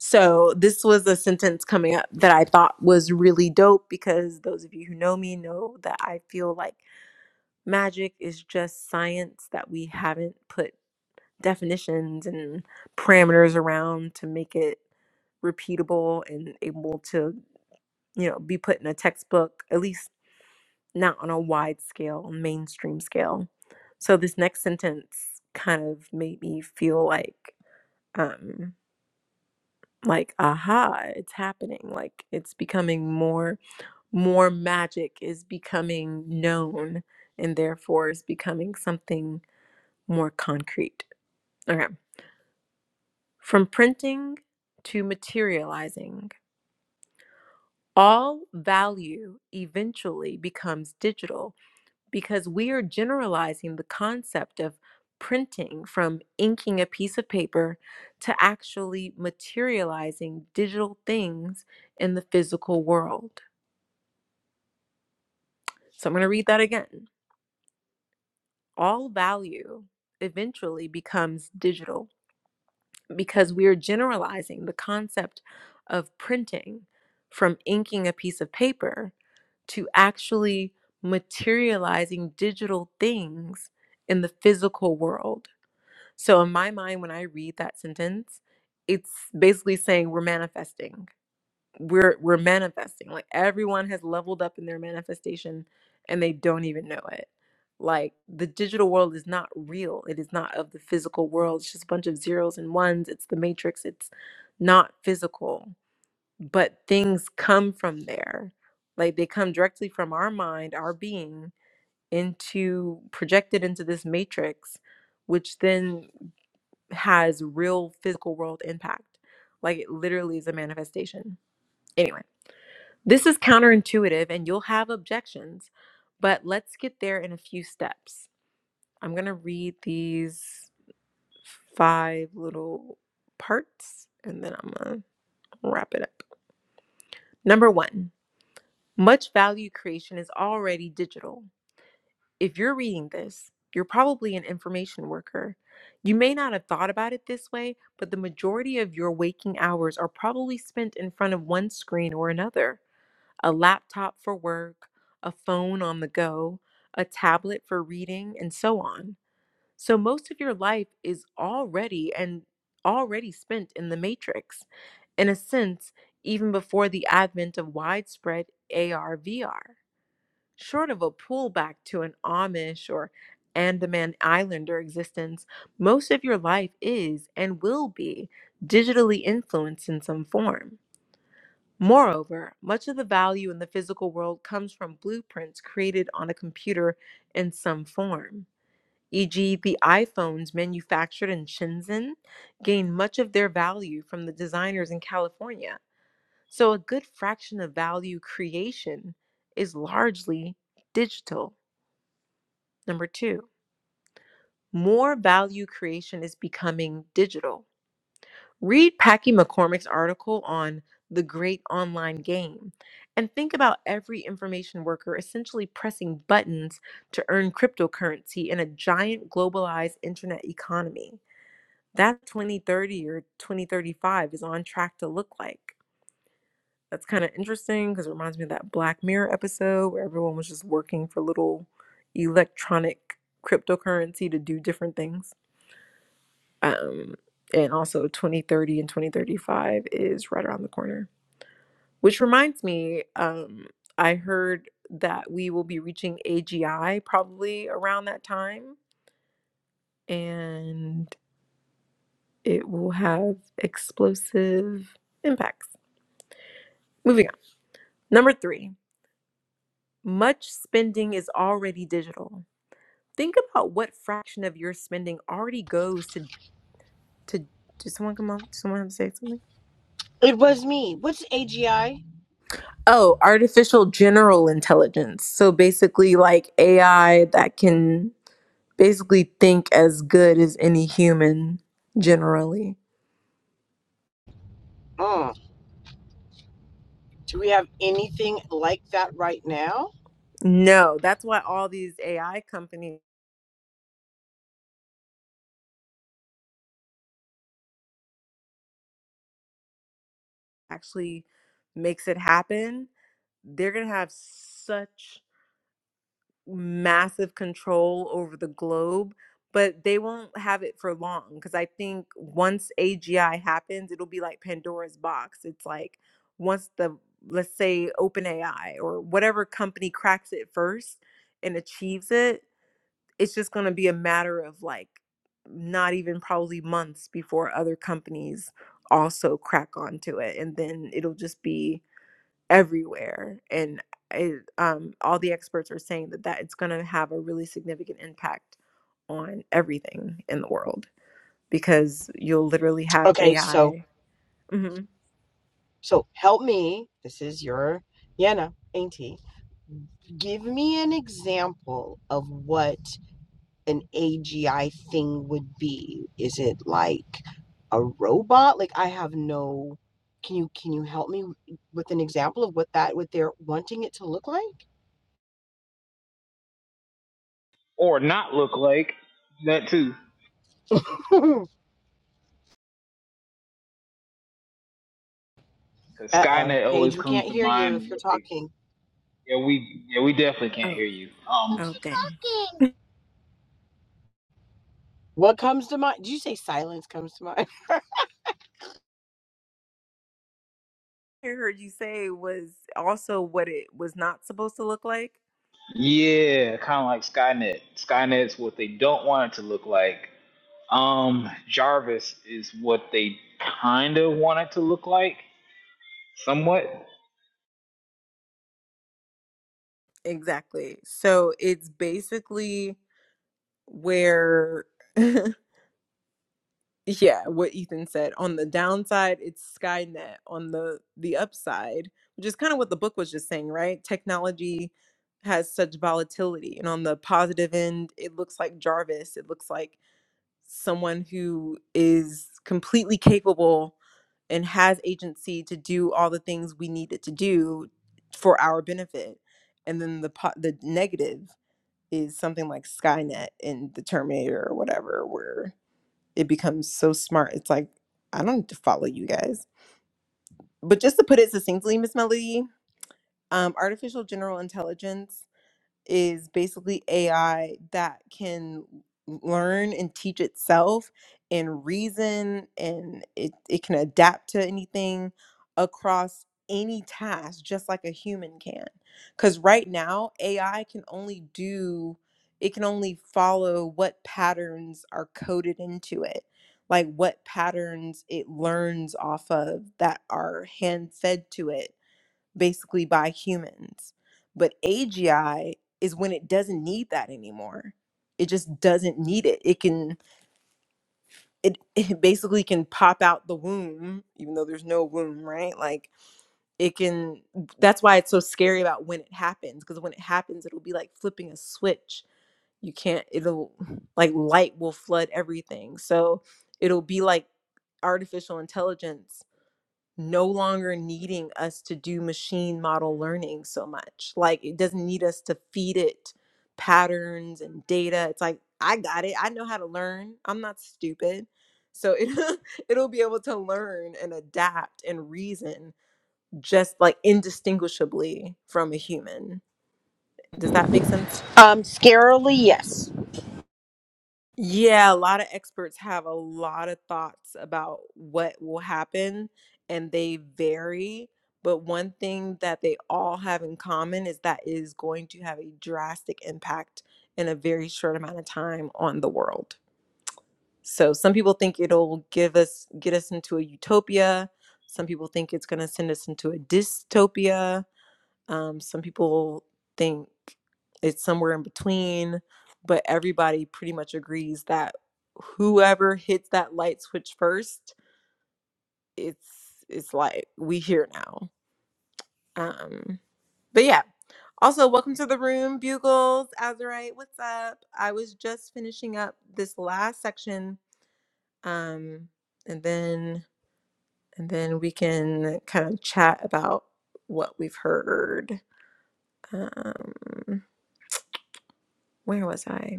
A: So, this was a sentence coming up that I thought was really dope because those of you who know me know that I feel like magic is just science that we haven't put definitions and parameters around to make it repeatable and able to, you know, be put in a textbook, at least not on a wide scale, mainstream scale. So this next sentence kind of made me feel like um like aha, it's happening. Like it's becoming more more magic is becoming known and therefore is becoming something more concrete. Okay. From printing to materializing, all value eventually becomes digital because we are generalizing the concept of printing from inking a piece of paper to actually materializing digital things in the physical world. So I'm going to read that again. All value eventually becomes digital because we are generalizing the concept of printing from inking a piece of paper to actually materializing digital things in the physical world. So in my mind, when I read that sentence, it's basically saying we're manifesting. We're we're manifesting. Like everyone has leveled up in their manifestation and they don't even know it. Like the digital world is not real. It is not of the physical world. It's just a bunch of zeros and ones. It's the matrix. It's not physical. But things come from there. Like they come directly from our mind, our being into projected into this matrix which then has real physical world impact. Like it literally is a manifestation. Anyway, this is counterintuitive and you'll have objections, but let's get there in a few steps. I'm going to read these five little parts and then I'm going to wrap it up. Number one, much value creation is already digital. if you're reading this, you're probably an information worker. You may not have thought about it this way, but the majority of your waking hours are probably spent in front of one screen or another a laptop for work, a phone on the go, a tablet for reading, and so on. So most of your life is already and already spent in the matrix, in a sense, even before the advent of widespread AR VR short of a pullback to an Amish or Andaman Islander existence, most of your life is and will be digitally influenced in some form. Moreover, much of the value in the physical world comes from blueprints created on a computer in some form. E.g., the iPhones manufactured in Shenzhen gain much of their value from the designers in California. So, a good fraction of value creation is largely digital. Number two, more value creation is becoming digital. Read Packy McCormick's article on the great online game and think about every information worker essentially pressing buttons to earn cryptocurrency in a giant globalized internet economy. That 2030 or 2035 is on track to look like. That's kind of interesting because it reminds me of that Black Mirror episode where everyone was just working for little electronic cryptocurrency to do different things. Um, and also 2030 and 2035 is right around the corner. Which reminds me, um, I heard that we will be reaching AGI probably around that time, and it will have explosive impacts. Moving on. Number three, much spending is already digital. Think about what fraction of your spending already goes to to. Did someone come on? Did someone say something?
B: It was me. What's AGI?
A: Oh, artificial general intelligence. So basically, like AI that can basically think as good as any human generally.
B: Mm. Do we have anything like that right now?
A: No, that's why all these AI companies actually makes it happen. They're going to have such massive control over the globe, but they won't have it for long because I think once AGI happens, it'll be like Pandora's box. It's like once the let's say OpenAI or whatever company cracks it first and achieves it, it's just going to be a matter of like not even probably months before other companies also crack onto it and then it'll just be everywhere and it, um, all the experts are saying that that it's going to have a really significant impact on everything in the world because you'll literally have
B: Okay, so
A: ai hmm
B: so help me. This is your Yana, ain't he? Give me an example of what. an AGI thing would be. Is it like a robot? Like I have no can you can you help me with an example of what that what they're wanting it to look like?
C: Or not look like that too. Cause
B: Uh-oh,
C: Skynet always
B: Paige, we
C: comes
B: can't
C: to
B: hear you
C: mind.
B: if you're
C: What they
B: talking.
C: yeah we yeah we definitely can't
A: oh
C: hear you. Um
A: oh dang
B: What comes to mind? Did you say silence comes to mind?
A: i heard you say was also what it was not supposed to look like
C: yeah, kind of like Skynet. Skynet's what they don't want it to look like. Um Jarvis is what they kind of want it to look like somewhat.
A: exactly so it's basically where yeah what ethan said on the downside it's skynet on the the upside which is kind of what the book was just saying right technology has such volatility and on the positive end it looks like jarvis it looks like someone who is completely capable and has agency to do all the things we need it to do for our benefit and then the po- the negative is something like skynet in the terminator or whatever where it becomes so smart. It's like, I don't need to follow you guys. But just to put it succinctly, Miss Melody, um, artificial general intelligence is basically AI that can learn and teach itself and reason and it, it can adapt to anything across any task just like a human can. Because right now, AI can only do, it can only follow what patterns are coded into it, like what patterns it learns off of that are hand fed to it basically by humans. But AGI is when it doesn't need that anymore. It just doesn't need it. It can it, it basically can pop out the womb even though there's no womb, right? Like it can that's why it's so scary about when it happens because when it happens it'll be like flipping a switch. You can't it'll like light will flood everything. So it'll be like artificial intelligence no longer needing us to do machine model learning so much. Like it doesn't need us to feed it patterns and data. It's like I got it. I know how to learn. I'm not stupid. So it it'll be able to learn and adapt and reason just like indistinguishably from a human. Does that make sense?
B: Um, scarily, yes.
A: Yeah, a lot of experts have a lot of thoughts about what will happen, and they vary. But one thing that they all have in common is that it is going to have a drastic impact in a very short amount of time on the world. So some people think it'll give us get us into a utopia. Some people think it's going to send us into a dystopia um, some people think it's somewhere in between, but everybody pretty much agrees that whoever hits that light switch first, it's it's like we here now. Um, but yeah. Also, welcome to the room, Bugles, Azurite. What's up? I was just finishing up this last section, um, and then and then we can kind of chat about what we've heard. Um, where was I?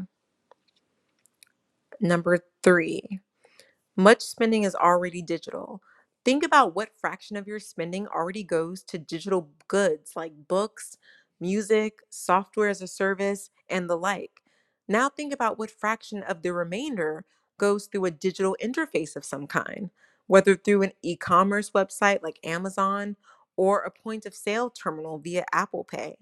A: Number three, much spending is already digital. Think about what fraction of your spending already goes to digital goods like books, music, software as a service, and the like. Now think about what fraction of the remainder goes through a digital interface of some kind, whether through an e commerce website like Amazon or a point of sale terminal via Apple Pay.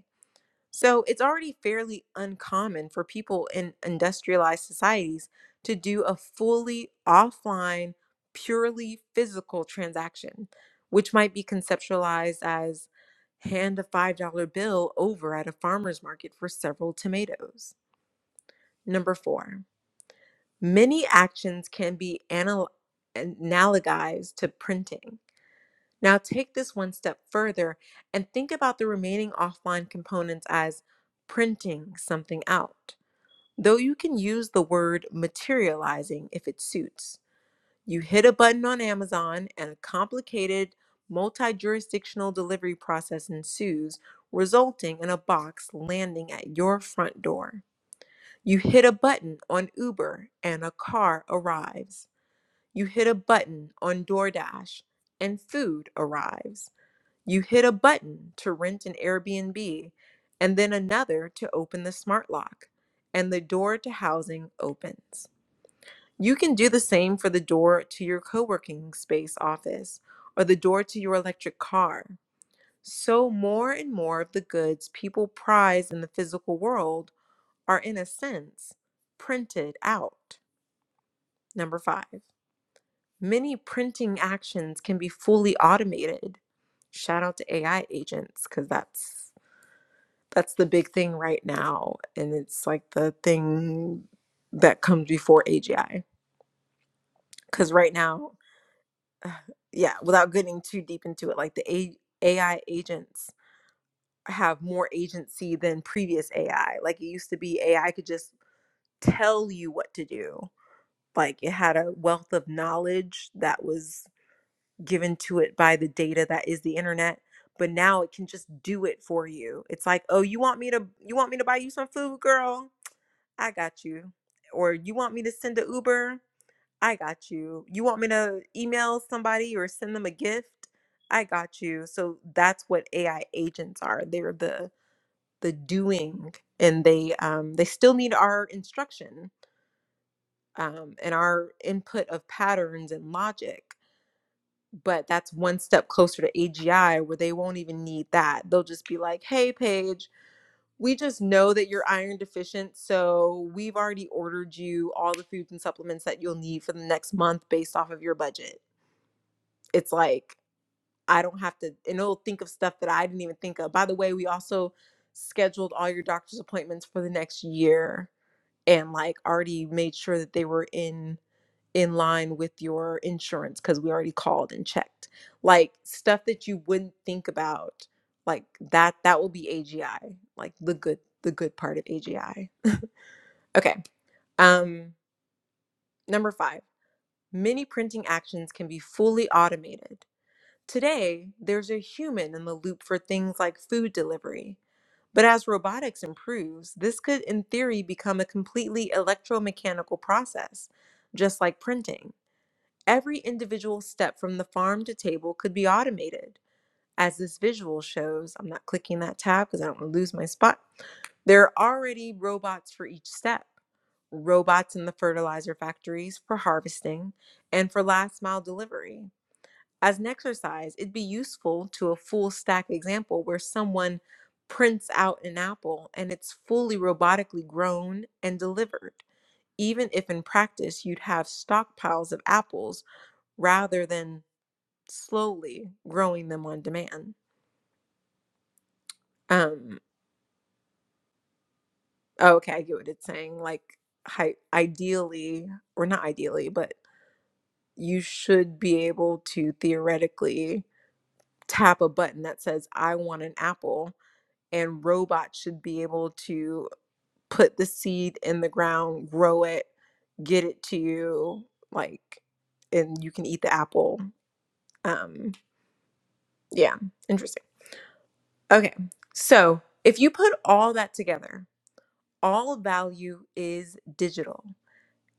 A: So it's already fairly uncommon for people in industrialized societies to do a fully offline, purely physical transaction, which might be conceptualized as hand a $5 bill over at a farmer's market for several tomatoes. Number four, many actions can be anal- analogized to printing now, take this one step further and think about the remaining offline components as printing something out. Though you can use the word materializing if it suits. You hit a button on Amazon and a complicated multi jurisdictional delivery process ensues, resulting in a box landing at your front door. You hit a button on Uber and a car arrives. You hit a button on DoorDash and food arrives you hit a button to rent an Airbnb and then another to open the smart lock, and the door to housing opens. You can do the same for the door to your co working space office or the door to your electric car. So, more and more of the goods people prize in the physical world are, in a sense, printed out. Number five, many printing actions can be fully automated. Shout out to AI agents, because that's that's the big thing right now and it's like the thing that comes before agi because right now uh, yeah without getting too deep into it like the A- ai agents have more agency than previous ai like it used to be ai could just tell you what to do like it had a wealth of knowledge that was given to it by the data that is the internet but now it can just do it for you it's like oh you want me to you want me to buy you some food girl I got you. Or you want me to send an Uber? I got you. You want me to email somebody or send them a gift? I got you. So that's what AI agents are. They're the the doing and they um they still need our instruction um and our input of patterns and logic. But that's one step closer to AGI where they won't even need that. They'll just be like, "Hey, Paige, we just know that you're iron deficient. So we've already ordered you all the foods and supplements that you'll need for the next month based off of your budget. It's like, I don't have to, and it'll think of stuff that I didn't even think of. By the way, we also scheduled all your doctor's appointments for the next year and like already made sure that they were in in line with your insurance because we already called and checked like stuff that you wouldn't think about like that that will be agi like the good the good part of agi okay um number five many printing actions can be fully automated today there's a human in the loop for things like food delivery but as robotics improves this could in theory become a completely electromechanical process just like printing Every individual step from the farm to table could be automated. As this visual shows, I'm not clicking that tab because I don't want to lose my spot. There are already robots for each step robots in the fertilizer factories for harvesting and for last mile delivery. As an exercise, it'd be useful to a full stack example where someone prints out an apple and it's fully robotically grown and delivered. Even if in practice you'd have stockpiles of apples rather than slowly growing them on demand. Um, oh, okay, I get what it's saying. Like, hi, ideally, or not ideally, but you should be able to theoretically tap a button that says, I want an apple, and robots should be able to put the seed in the ground, grow it, get it to you, like, and you can eat the apple. Um, yeah, interesting. Okay, so if you put all that together, all value is digital.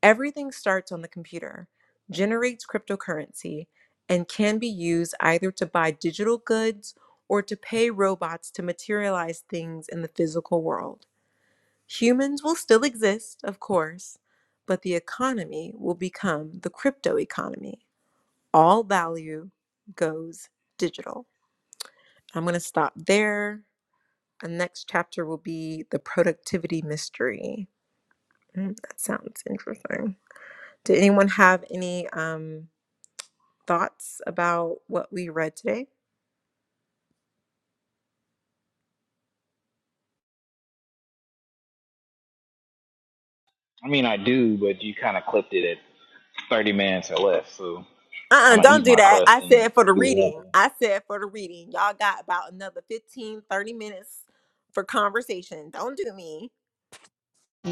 A: Everything starts on the computer, generates cryptocurrency, and can be used either to buy digital goods or to pay robots to materialize things in the physical world. Humans will still exist, of course, but the economy will become the crypto economy. All value goes digital. I'm going to stop there. The next chapter will be the productivity mystery. Mm, that sounds interesting. Did anyone have any um, thoughts about what we read today?
C: I mean I do, but you kind of clipped it at 30 minutes or less. So. I'm
A: Uh-uh,
C: gonna eat
A: don't do
C: my
A: that.
C: crust
A: I
C: and
A: said for the
C: be happy.
A: reading. I said for the reading. Y'all got about another 15, 30 minutes for conversation. Don't do me.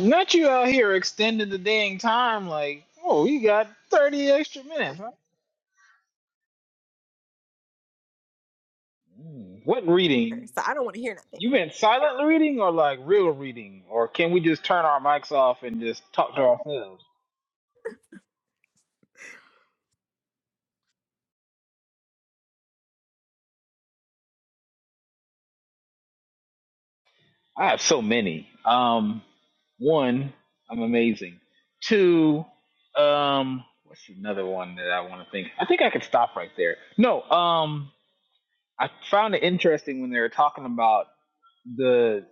C: Not you out here extending the dang time like, oh, you got 30 extra minutes. Huh? Mm, What reading?
A: So I don't want to hear
C: You
A: nothing.
C: meant silent reading or like real reading? Or can we just turn our mics off and just talk to ourselves? I have so many. Um, one, I'm amazing. Two, um, what's another one that I want to think? I think I could stop right there. No, um, I found it interesting when they were talking about. the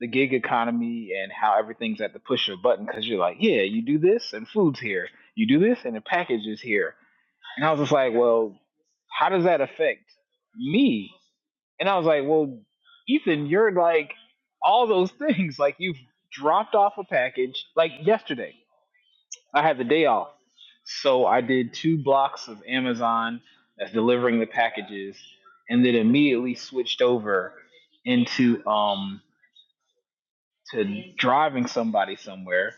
C: the gig economy and how everything's at the push of a button because you're like, yeah, you do this and food's here, you do this and the package is here, and I was just like, well, how does that affect me? And I was like, well, Ethan, you're like all those things. Like you've dropped off a package. Like yesterday, I had the day off, so I did two blocks of Amazon that's delivering the packages, and then immediately switched over into um to driving somebody somewhere,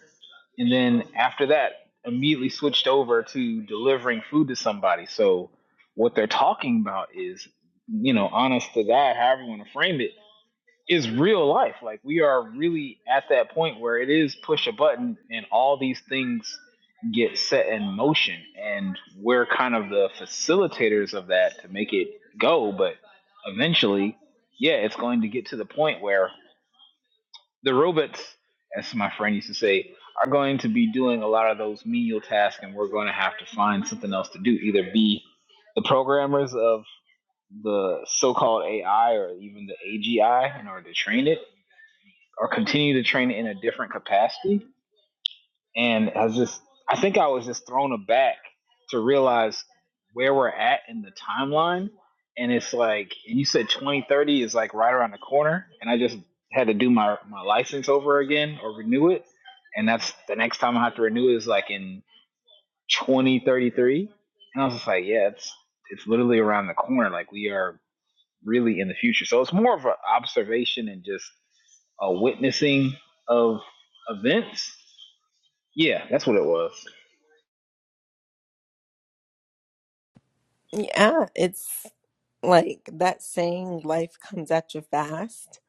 C: and then after that, immediately switched over to delivering food to somebody. So what they're talking about is, you know, honest to God, however you want to frame it, is real life. Like we are really at that point where it is push a button and all these things get set in motion and we're kind of the facilitators of that to make it go but eventually yeah it's going to get to the point where the robots, as my friend used to say, are going to be doing a lot of those menial tasks, and we're going to have to find something else to do. Either be the programmers of the so-called AI or even the AGI in order to train it, or continue to train it in a different capacity and I was just I think I was just thrown aback to realize where we're at in the timeline. And it's like and you said twenty thirty is like right around the corner and I just had to do my, my license over again or renew it. And that's the next time I have to renew it is like in twenty thirty three. And I was just like, Yeah, it's it's literally around the corner. Like we are really in the future. So it's more of an observation and just a witnessing of events. Yeah, that's what it was.
A: Yeah, it's like that saying, life comes at you fast.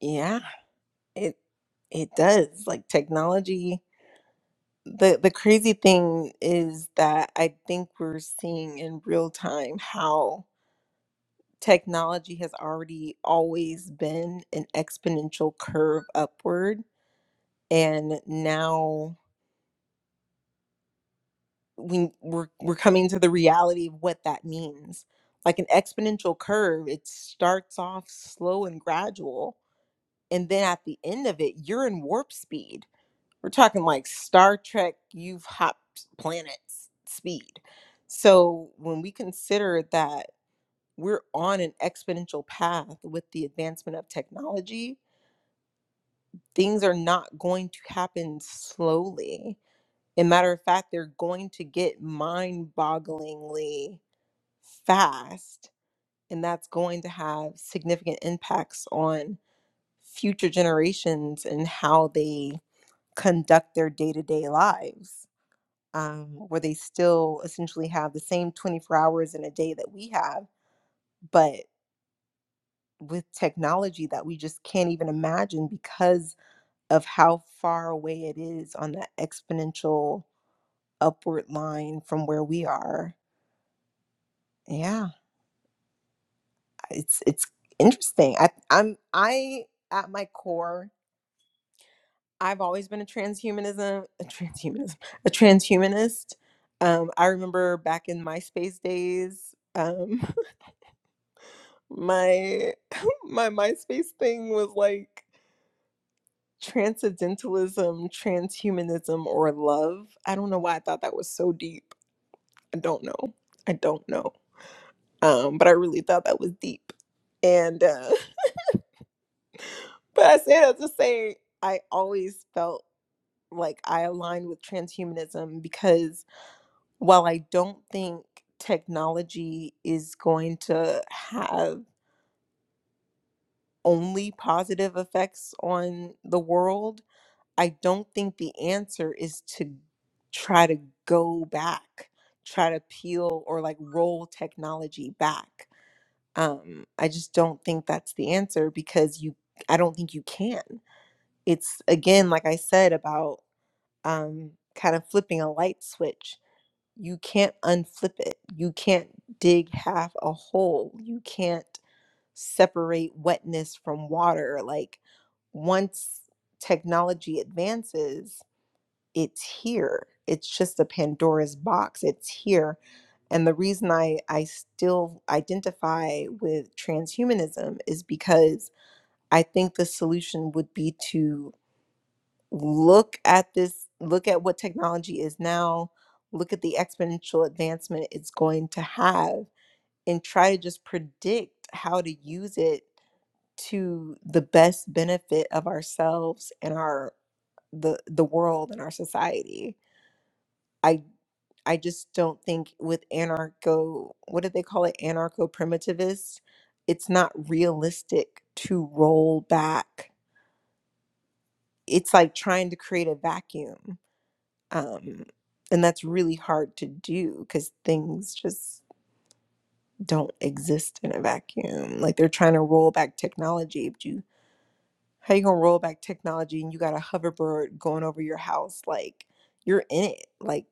A: Yeah, it it does. Like technology. the the crazy thing is that I think we're seeing in real time how technology has already always been an exponential curve upward, and now we we're we're coming to the reality of what that means. Like an exponential curve, it starts off slow and gradual, and then at the end of it, you're in warp speed We're talking like Star Trek, you've hopped planets speed. So when we consider that we're on an exponential path with the advancement of technology, things are not going to happen slowly. And matter of fact, they're going to get mind bogglingly fast. And that's going to have significant impacts on future generations and how they conduct their day to day lives. um, where they still essentially have the same 24 hours in a day that we have, but with technology that we just can't even imagine because of how far away it is on that exponential upward line from where we are. Yeah, it's it's interesting. I, I'm I at my core, I've always been a transhumanism, a transhumanism, a transhumanist. Um, I remember back in MySpace days. Um, my my MySpace thing was like transcendentalism, transhumanism, or love. I don't know why I thought that was so deep. I don't know. I don't know. Um, but I really thought that was deep. And uh, but I say that to say I always felt like I aligned with transhumanism because while I don't think technology is going to have only positive effects on the world I don't think the answer is to try to go back, try to peel or like roll technology back. Um, I just don't think that's the answer because you, I don't think you can. It's again, like I said, about um, kind of flipping a light switch. You can't unflip it. You can't dig half a hole. You can't separate wetness from water. Like once technology advances, it's here. It's just a Pandora's box. It's here. And the reason I, I still identify with transhumanism is because I think the solution would be to look at this, look at what technology is now, look at the exponential advancement it's going to have, and try to just predict how to use it to the best benefit of ourselves and our the the world and our society. I. I just don't think with anarcho, what do they call it? Anarcho primitivists, it's not realistic to roll back. It's like trying to create a vacuum. Um, and that's really hard to do because things just don't exist in a vacuum. Like they're trying to roll back technology, but you, how you gonna roll back technology and you got a hoverboard going over your house? Like you're in it. Like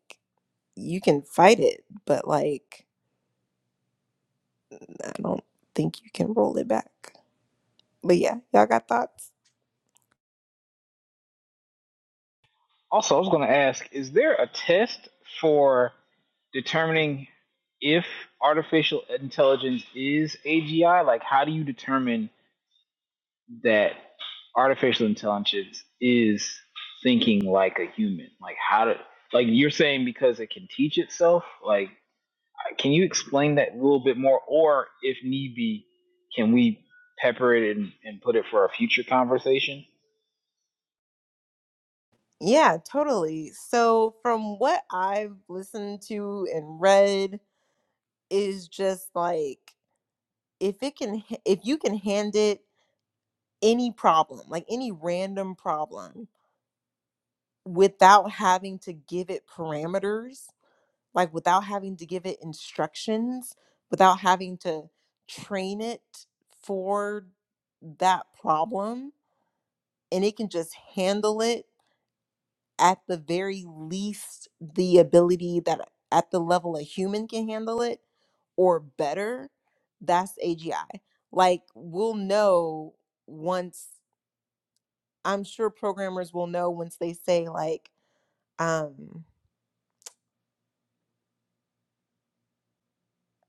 A: you can fight it, but like I don't think you can roll it back. But yeah, y'all got thoughts?
C: Also, I was going to ask is there a test for determining if artificial intelligence is AGI? Like, how do you determine that artificial intelligence is thinking like a human? Like, how do, like, you're saying because it can teach itself? Like, Can you explain that a little bit more, or if need be, can we pepper it and, and put it for a future conversation?
A: Yeah, totally. So from what I've listened to and read is just like if it can h- if you can hand it any problem, like any random problem without having to give it parameters, like without having to give it instructions, without having to train it for that problem and it can just handle it at the very least the ability that at the level a human can handle it or better, that's AGI. Like we'll know once I'm sure programmers will know once they say like um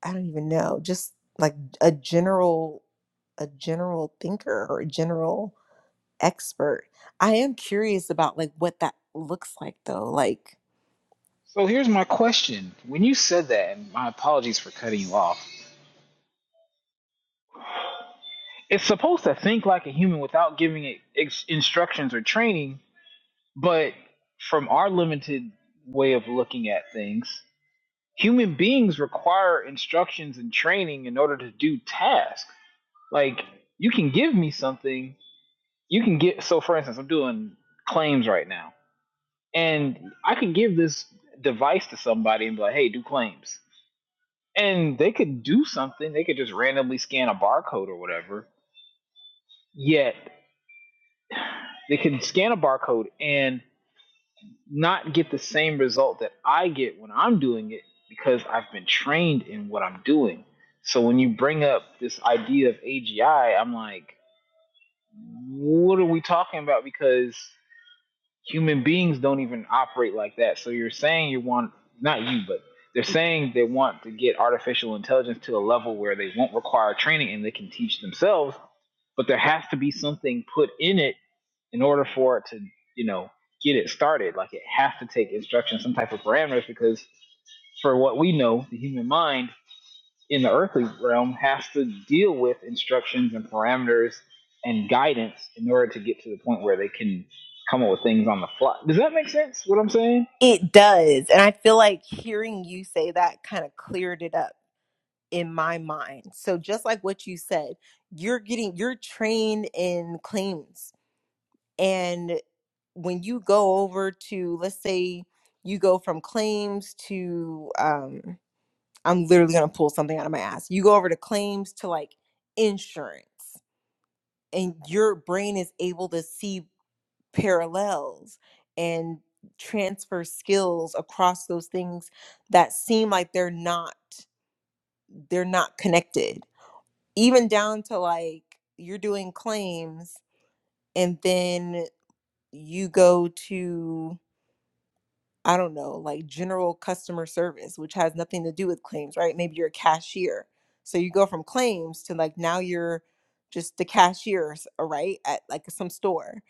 A: I don't even know, just like a general a general thinker or a general expert. I am curious about like what that looks like though. Like
C: So here's my question. When you said that, and my apologies for cutting you off, it's supposed to think like a human without giving it ex- instructions or training, But from our limited way of looking at things, human beings require instructions and training in order to do tasks. Like, you can give me something, you can get. So, for instance, I'm doing claims right now, and I could give this device to somebody and be like, hey, do claims. And they could do something, they could just randomly scan a barcode or whatever. Yet, they can scan a barcode and not get the same result that I get when I'm doing it because I've been trained in what I'm doing. So when you bring up this idea of AGI, I'm like, what are we talking about? Because human beings don't even operate like that. So you're saying you want, not you, but they're saying they want to get artificial intelligence to a level where they won't require training and they can teach themselves, but there has to be something put in it in order for it to, you know, get it started, like it has to take instruction, some type of parameters, because for what we know, the human mind in the earthly realm has to deal with instructions and parameters and guidance in order to get to the point where they can come up with things on the fly. Does that make sense? What I'm saying?
A: it does. And I feel like hearing you say that kind of cleared it up in my mind. So just like what you said, you're getting you're trained in claims. And when you go over to let's say you go from claims to um I'm literally going to pull something out of my ass. You go over to claims to like insurance and your brain is able to see parallels and transfer skills across those things that seem like they're not they're not connected even down to like you're doing claims and then you go to I don't know, like general customer service, which has nothing to do with claims, right? Maybe you're a cashier. So you go from claims to like now you're just the cashier, uh, right? At like some store.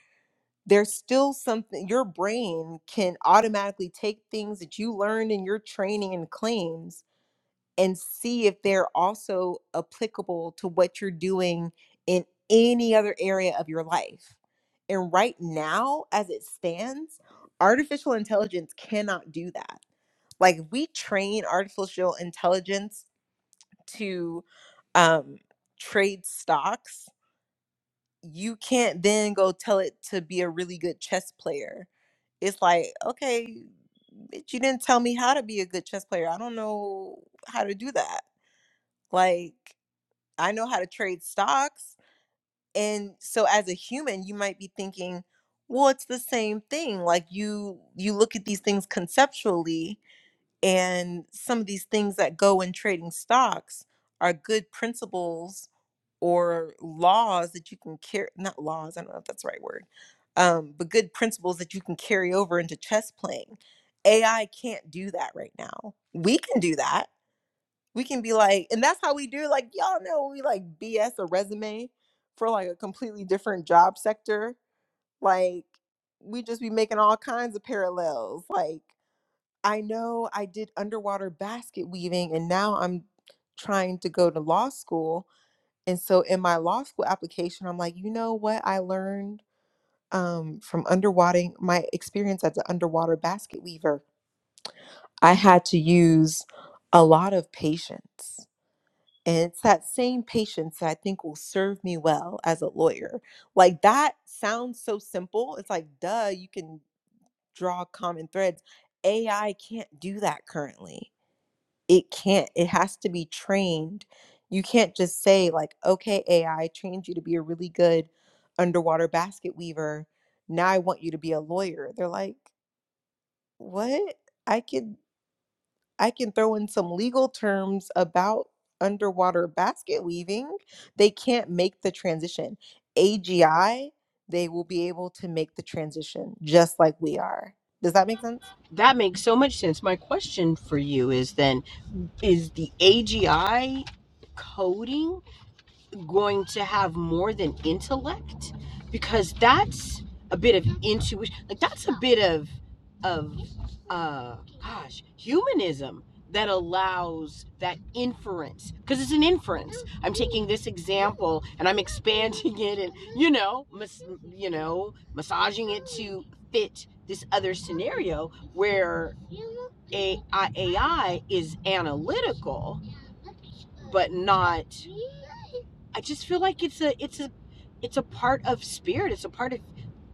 A: There's still something your brain can automatically take things that you learned in your training and claims and see if they're also applicable to what you're doing in any other area of your life. And right now, as it stands, artificial intelligence cannot do that. Like we train artificial intelligence to um, trade stocks. You can't then go tell it to be a really good chess player. It's like, okay, bitch, you didn't tell me how to be a good chess player. I don't know how to do that like, I know how to trade stocks. And so as a human, you might be thinking, well, it's the same thing. Like you you look at these things conceptually and some of these things that go in trading stocks are good principles or laws that you can carry not laws, I don't know if that's the right word. Um, but good principles that you can carry over into chess playing. AI can't do that right now. We can do that we can be like, and that's how we do. Like y'all know, we like BS a resume for like a completely different job sector. Like we just be making all kinds of parallels. Like I know I did underwater basket weaving, and now I'm trying to go to law school. And so in my law school application, I'm like, you know what I learned um, from underwater my experience as an underwater basket weaver. I had to use a lot of patience And it's that same patience that I think will serve me well as a lawyer. Like that sounds so simple. It's like, duh, you can draw common threads. AI can't do that currently. It can't. It has to be trained. You can't just say, like, okay, AI, trained you to be a really good underwater basket weaver. Now I want you to be a lawyer. They're like, what? I could I can throw in some legal terms about underwater basket weaving. They can't make the transition. AGI, they will be able to make the transition just like we are. Does that make sense?
B: That makes so much sense. My question for you is then is the AGI coding going to have more than intellect because that's a bit of intuition like that's a bit of of uh gosh humanism that allows that inference because it's an inference i'm taking this example and i'm expanding it and you know mas- you know massaging it to fit this other scenario where a- I- AI is analytical but not I just feel like it's a it's a it's a part of spirit. It's a part of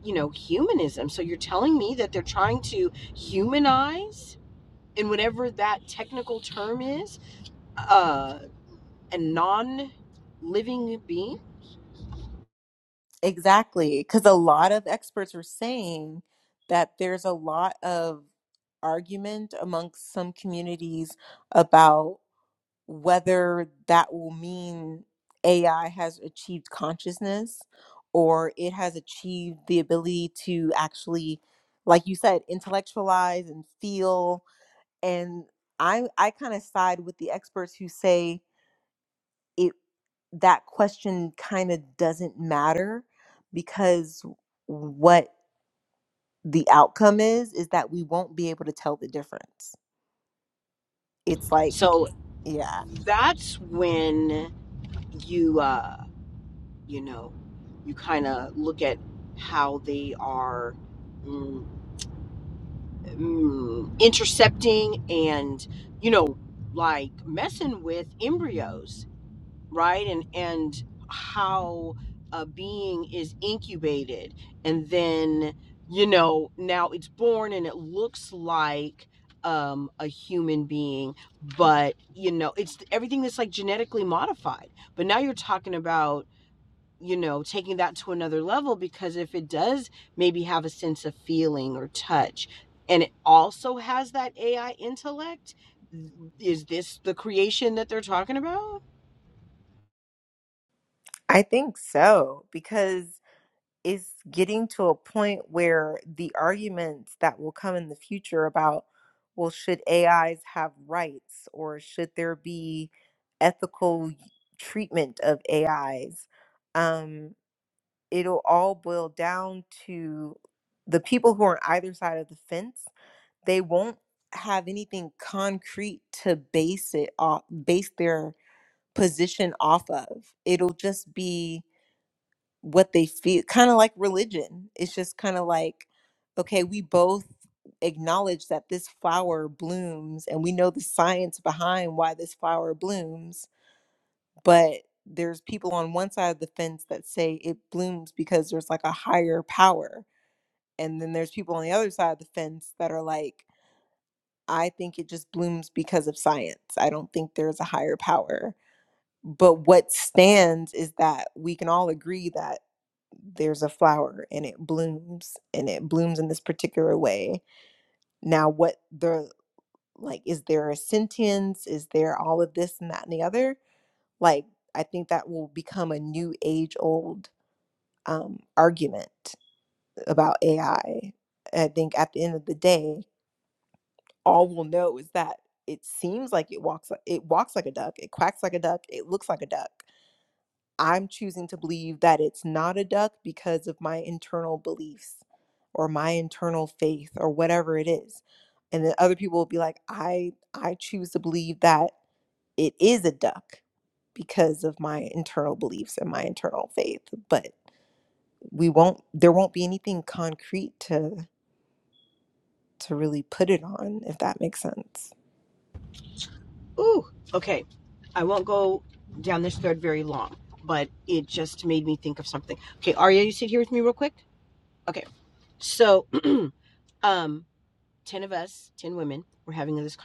B: you know humanism. So you're telling me that they're trying to humanize in whatever that technical term is uh, a non living being.
A: Exactly, because a lot of experts are saying that there's a lot of argument amongst some communities about. whether that will mean AI has achieved consciousness or it has achieved the ability to actually, like you said, intellectualize and feel. And I I kind of side with the experts who say it that question kind of doesn't matter because what the outcome is is that we won't be able to tell the difference. It's like,
B: So
A: yeah.
B: that's when you uh, you know you kind of look at how they are mm, mm, intercepting and you know like messing with embryos right and and how a being is incubated and then you know now it's born and it looks like um a human being but you know it's everything that's like genetically modified but now you're talking about you know, taking that to another level because if it does maybe have a sense of feeling or touch and it also has that AI intellect, is this the creation that they're talking about?
A: I think so because is getting to a point where the arguments that will come in the future about, well, should AIs have rights or should there be ethical treatment of AIs? Um, it'll all boil down to the people who are on either side of the fence. They won't have anything concrete to base it off, base their position off of. It'll just be what they feel kind of like religion it's just kind of like okay we both acknowledge that this flower blooms and we know the science behind why this flower blooms but there's people on one side of the fence that say it blooms because there's like a higher power and then there's people on the other side of the fence that are like i think it just blooms because of science i don't think there's a higher power but what stands is that we can all agree that there's a flower and it blooms and it blooms in this particular way. Now, what the like, is there a sentience? Is there all of this and that and the other? Like, I think that will become a new age old um, argument about AI. I I think at the end of the day, all we'll know is that it seems like it walks like it walks like a duck, it quacks like a duck, it looks like a duck, I'm choosing to believe that it's not a duck because of my internal beliefs or my internal faith or whatever it is. And then other people will be like, I I choose to believe that it is a duck because of my internal beliefs and my internal faith. But we won't there won't be anything concrete to to really put it on, if that makes sense.
B: Ooh, okay. I won't go down this thread very long, but it just made me think of something. Okay, Arya, you sit here with me real quick. Okay, so um, ten of us, ten women, we're having this.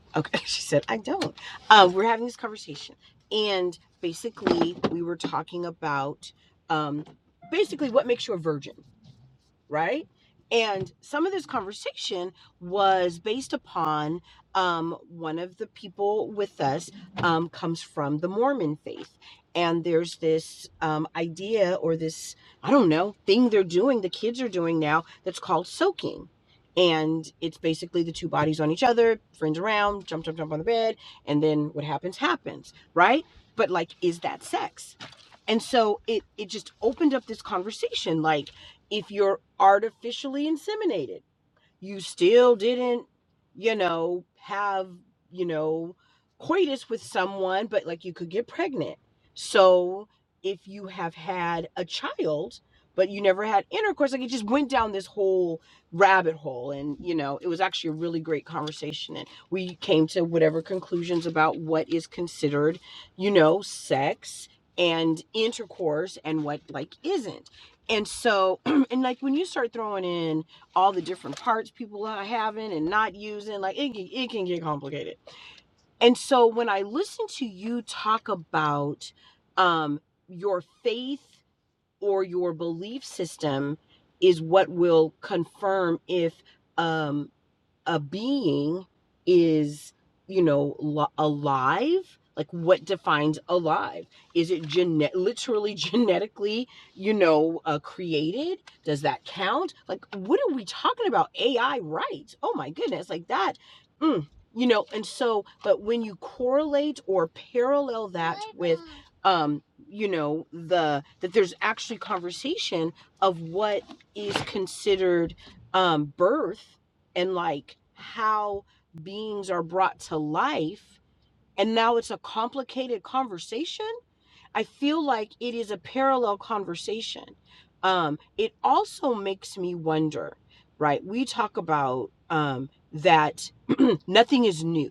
B: conversation. okay, she said I don't. Uh, we're having this conversation, and basically we were talking about um, basically what makes you a virgin right? And some of this conversation was based upon um, one of the people with us um, comes from the Mormon faith. And there's this um, idea or this, I don't know, thing they're doing, the kids are doing now that's called soaking. And it's basically the two bodies on each other, friends around, jump, jump, jump on the bed, and then what happens, happens, right? But like, is that sex? And so it it just opened up this conversation like if you're artificially inseminated you still didn't you know have you know coitus with someone but like you could get pregnant so if you have had a child but you never had intercourse like it just went down this whole rabbit hole and you know it was actually a really great conversation and we came to whatever conclusions about what is considered you know sex and intercourse and what like isn't and so and like when you start throwing in all the different parts people are having and not using like it, can- it can get complicated and so when i listen to you talk about um your faith or your belief system is what will confirm if um, a being is, you know, li- alive. Like what defines alive? Is it genet literally genetically, you know, uh, created? Does that count? Like what are we talking about? AI rights? Oh my goodness! Like that, mm, you know. And so, but when you correlate or parallel that um you know the that there's actually conversation of what is considered um birth and like how beings are brought to life and now it's a complicated conversation i feel like it is a parallel conversation um it also makes me wonder right we talk about um that nothing is new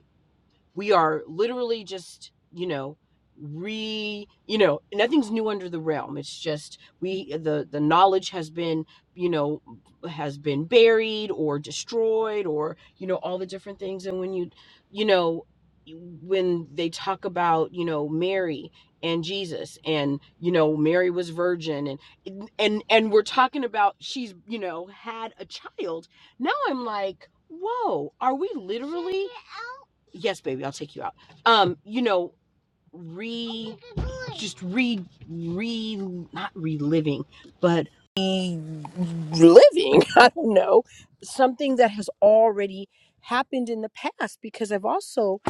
B: we are literally just you know re you know nothing's new under the realm it's just we the the knowledge has been you know has been buried or destroyed or you know all the different things and when you you know when they talk about you know Mary and Jesus and you know Mary was virgin and and and we're talking about she's you know had a child now I'm like whoa are we yes baby i'll take you out um you know re re re not reliving but reliving. i don't know something that has already happened in the past because i've also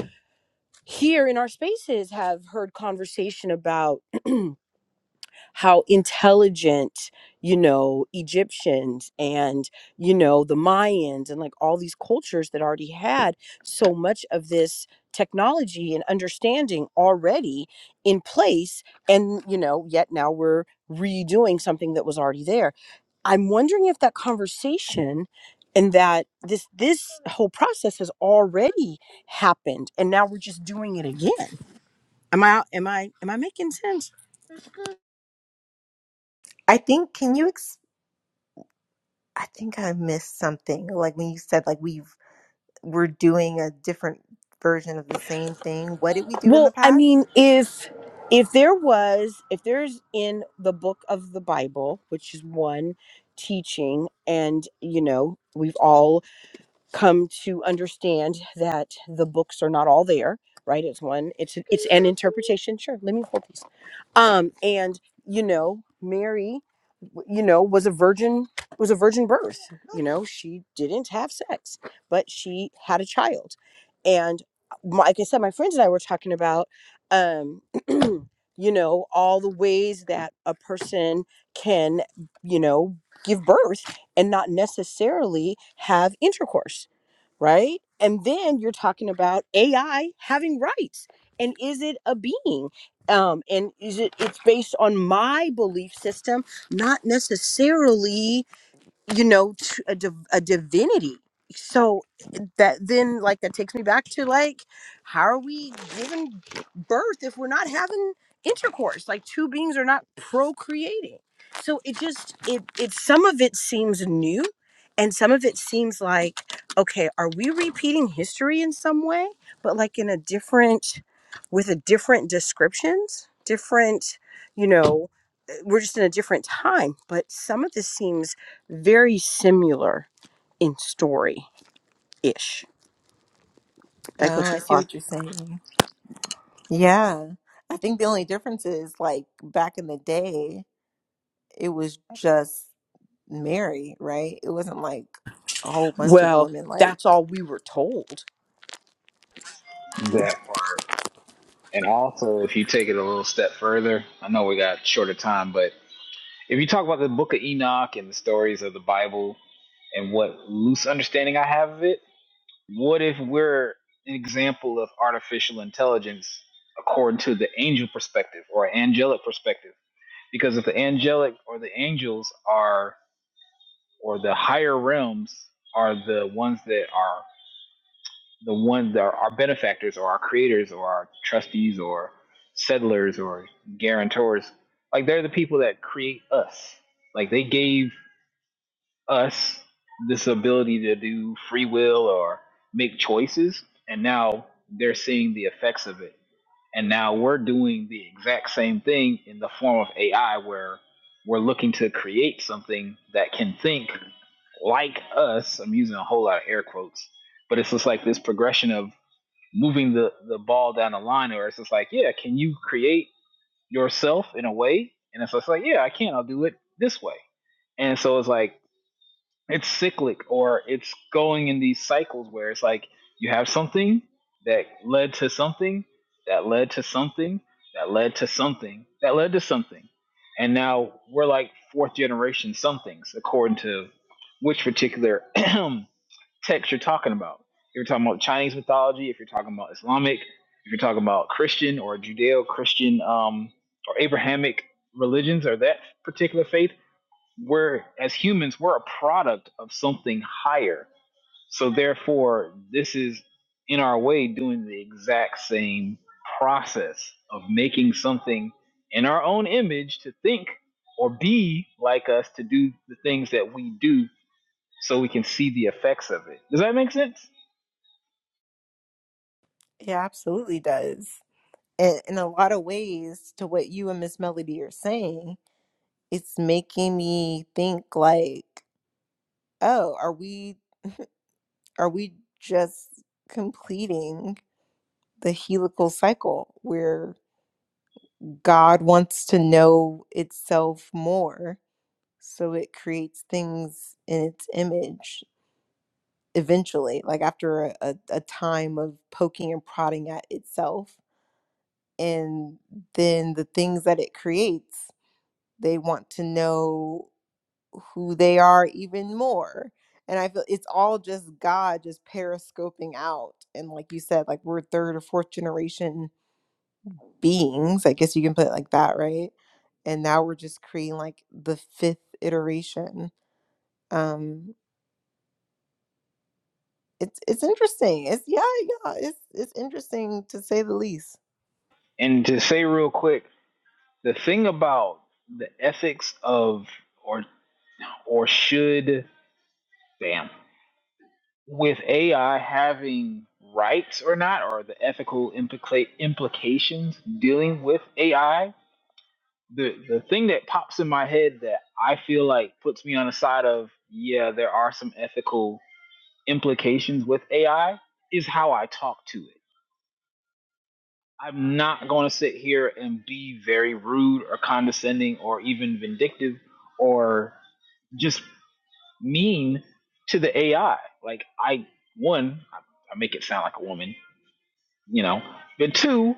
B: here in our spaces have heard conversation about how intelligent you know egyptians and you know the mayans and like all these cultures that already had so much of this technology and understanding already in place and you know yet now we're redoing something that was already there i'm wondering if that conversation and that this this whole process has already happened and now we're just doing it again am i am i am i making sense
A: I think can you I think I missed something. Like when you said like we've we're doing a different version of the same thing. What did we do in the
B: Well, I
A: past?
B: mean, if if there was, if there's in the book of the Bible, which is one teaching, and you know, we've all come to understand that the books are not all there, right? It's one, it's it's an interpretation. Sure, let me hold these. Um, and you know, Mary, w- you know, was a virgin, was a virgin birth know, she didn't have sex, but she had a child. And my, like I said, my friends and I were talking about, um, you know, all the ways that a person can, you know, give birth and not necessarily have intercourse, right? And then you're talking about AI having rights. And is it a being? Um, and is it it's based on my belief system, not necessarily you know to a, div- a divinity so that then like that takes me back to like how are we giving birth if we're not having intercourse like two beings are not procreating so it just it it some of it seems new and some of it seems like okay are we repeating history in some way but like in a different with a different descriptions different you know we're just in a different time, but some of this seems very similar in story ish. Did I go
A: Oh,
B: too
A: I see
B: far.
A: what you're saying. Yeah. I think the only difference is like back in the day, it was just Mary, right? It wasn't like a whole bunch of
B: Well,
A: women like
B: that's all we were told.
C: That part. And also, if you take it a little step further, I know we got shorter time, but if you talk about the Book of Enoch and the stories of the Bible and what loose understanding I have of it What if we're an example of artificial intelligence according to the angel perspective or angelic perspective? Because if the angelic or the angels are, or the higher realms are the ones that are the ones that are our benefactors or our creators or our trustees or settlers or guarantors, like they're the people that create us. Like they gave us this ability to do free will or make choices and now they're seeing the effects of it and now we're doing the exact same thing in the form of AI where we're looking to create something that can think like us. I'm using a whole lot of air quotes, but it's just like this progression of moving the, the ball down the line or it's just like, yeah, can you create yourself in a way? And it's just like, yeah, I can, I'll do it this way. And so it's like it's cyclic or it's going in these cycles where it's like you have something that led to something that led to something that led to something that led to something and now we're like fourth generation somethings according to which particular text you're talking about if you're talking about chinese mythology if you're talking about islamic if you're talking about christian or judeo-christian um, or abrahamic religions or that particular faith we're as humans we're a product of something higher so therefore this is in our way doing the exact same process of making something in our own image to think or be like us to do the things that we do so we can see the effects of it does that make sense
A: it absolutely does. And in a lot of ways to what you and Miss Melody are saying, it's making me think like, oh, are we are we just completing the helical cycle where God wants to know itself more so it creates things in its image eventually, like after a, a, a time of poking and prodding at itself? And then the things that it creates, they want to know. who they are even more. And I feel it's all just God just periscoping out. And like you said, like we're third or fourth generation beings. I guess you can put it like that, right? And now we're just creating like the fifth iteration. Um it's it's interesting. It's yeah, yeah, it's it's interesting to say the least.
C: and to say real quick the thing about the ethics of or or should damn with AI having rights or not, or the ethical implica- implications dealing with AI, the the thing that pops in my head that I feel like puts me on the side of yeah, there are some ethical implications with AI is how I talk to it. I'm not going to sit here and be very rude or condescending or even vindictive or just mean to the AI. Like I one, I I make it sound like a woman you know. But two,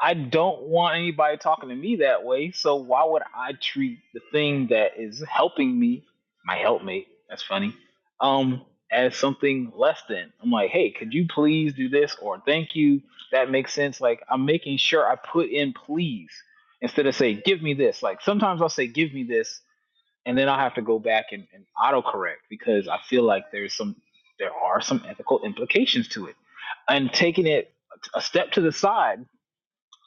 C: I don't want anybody talking to me that way. So why would I treat the thing that is helping me, my helpmate, that's funny, um, as something less than? I'm like, hey, could you please do this or thank you? That makes sense. Like I'm making sure I put in please instead of say, give me this. Like sometimes I'll say, give me this and then I'll have to go back and, and autocorrect because I feel like there's some there are some ethical implications to it. And taking it a step to the side,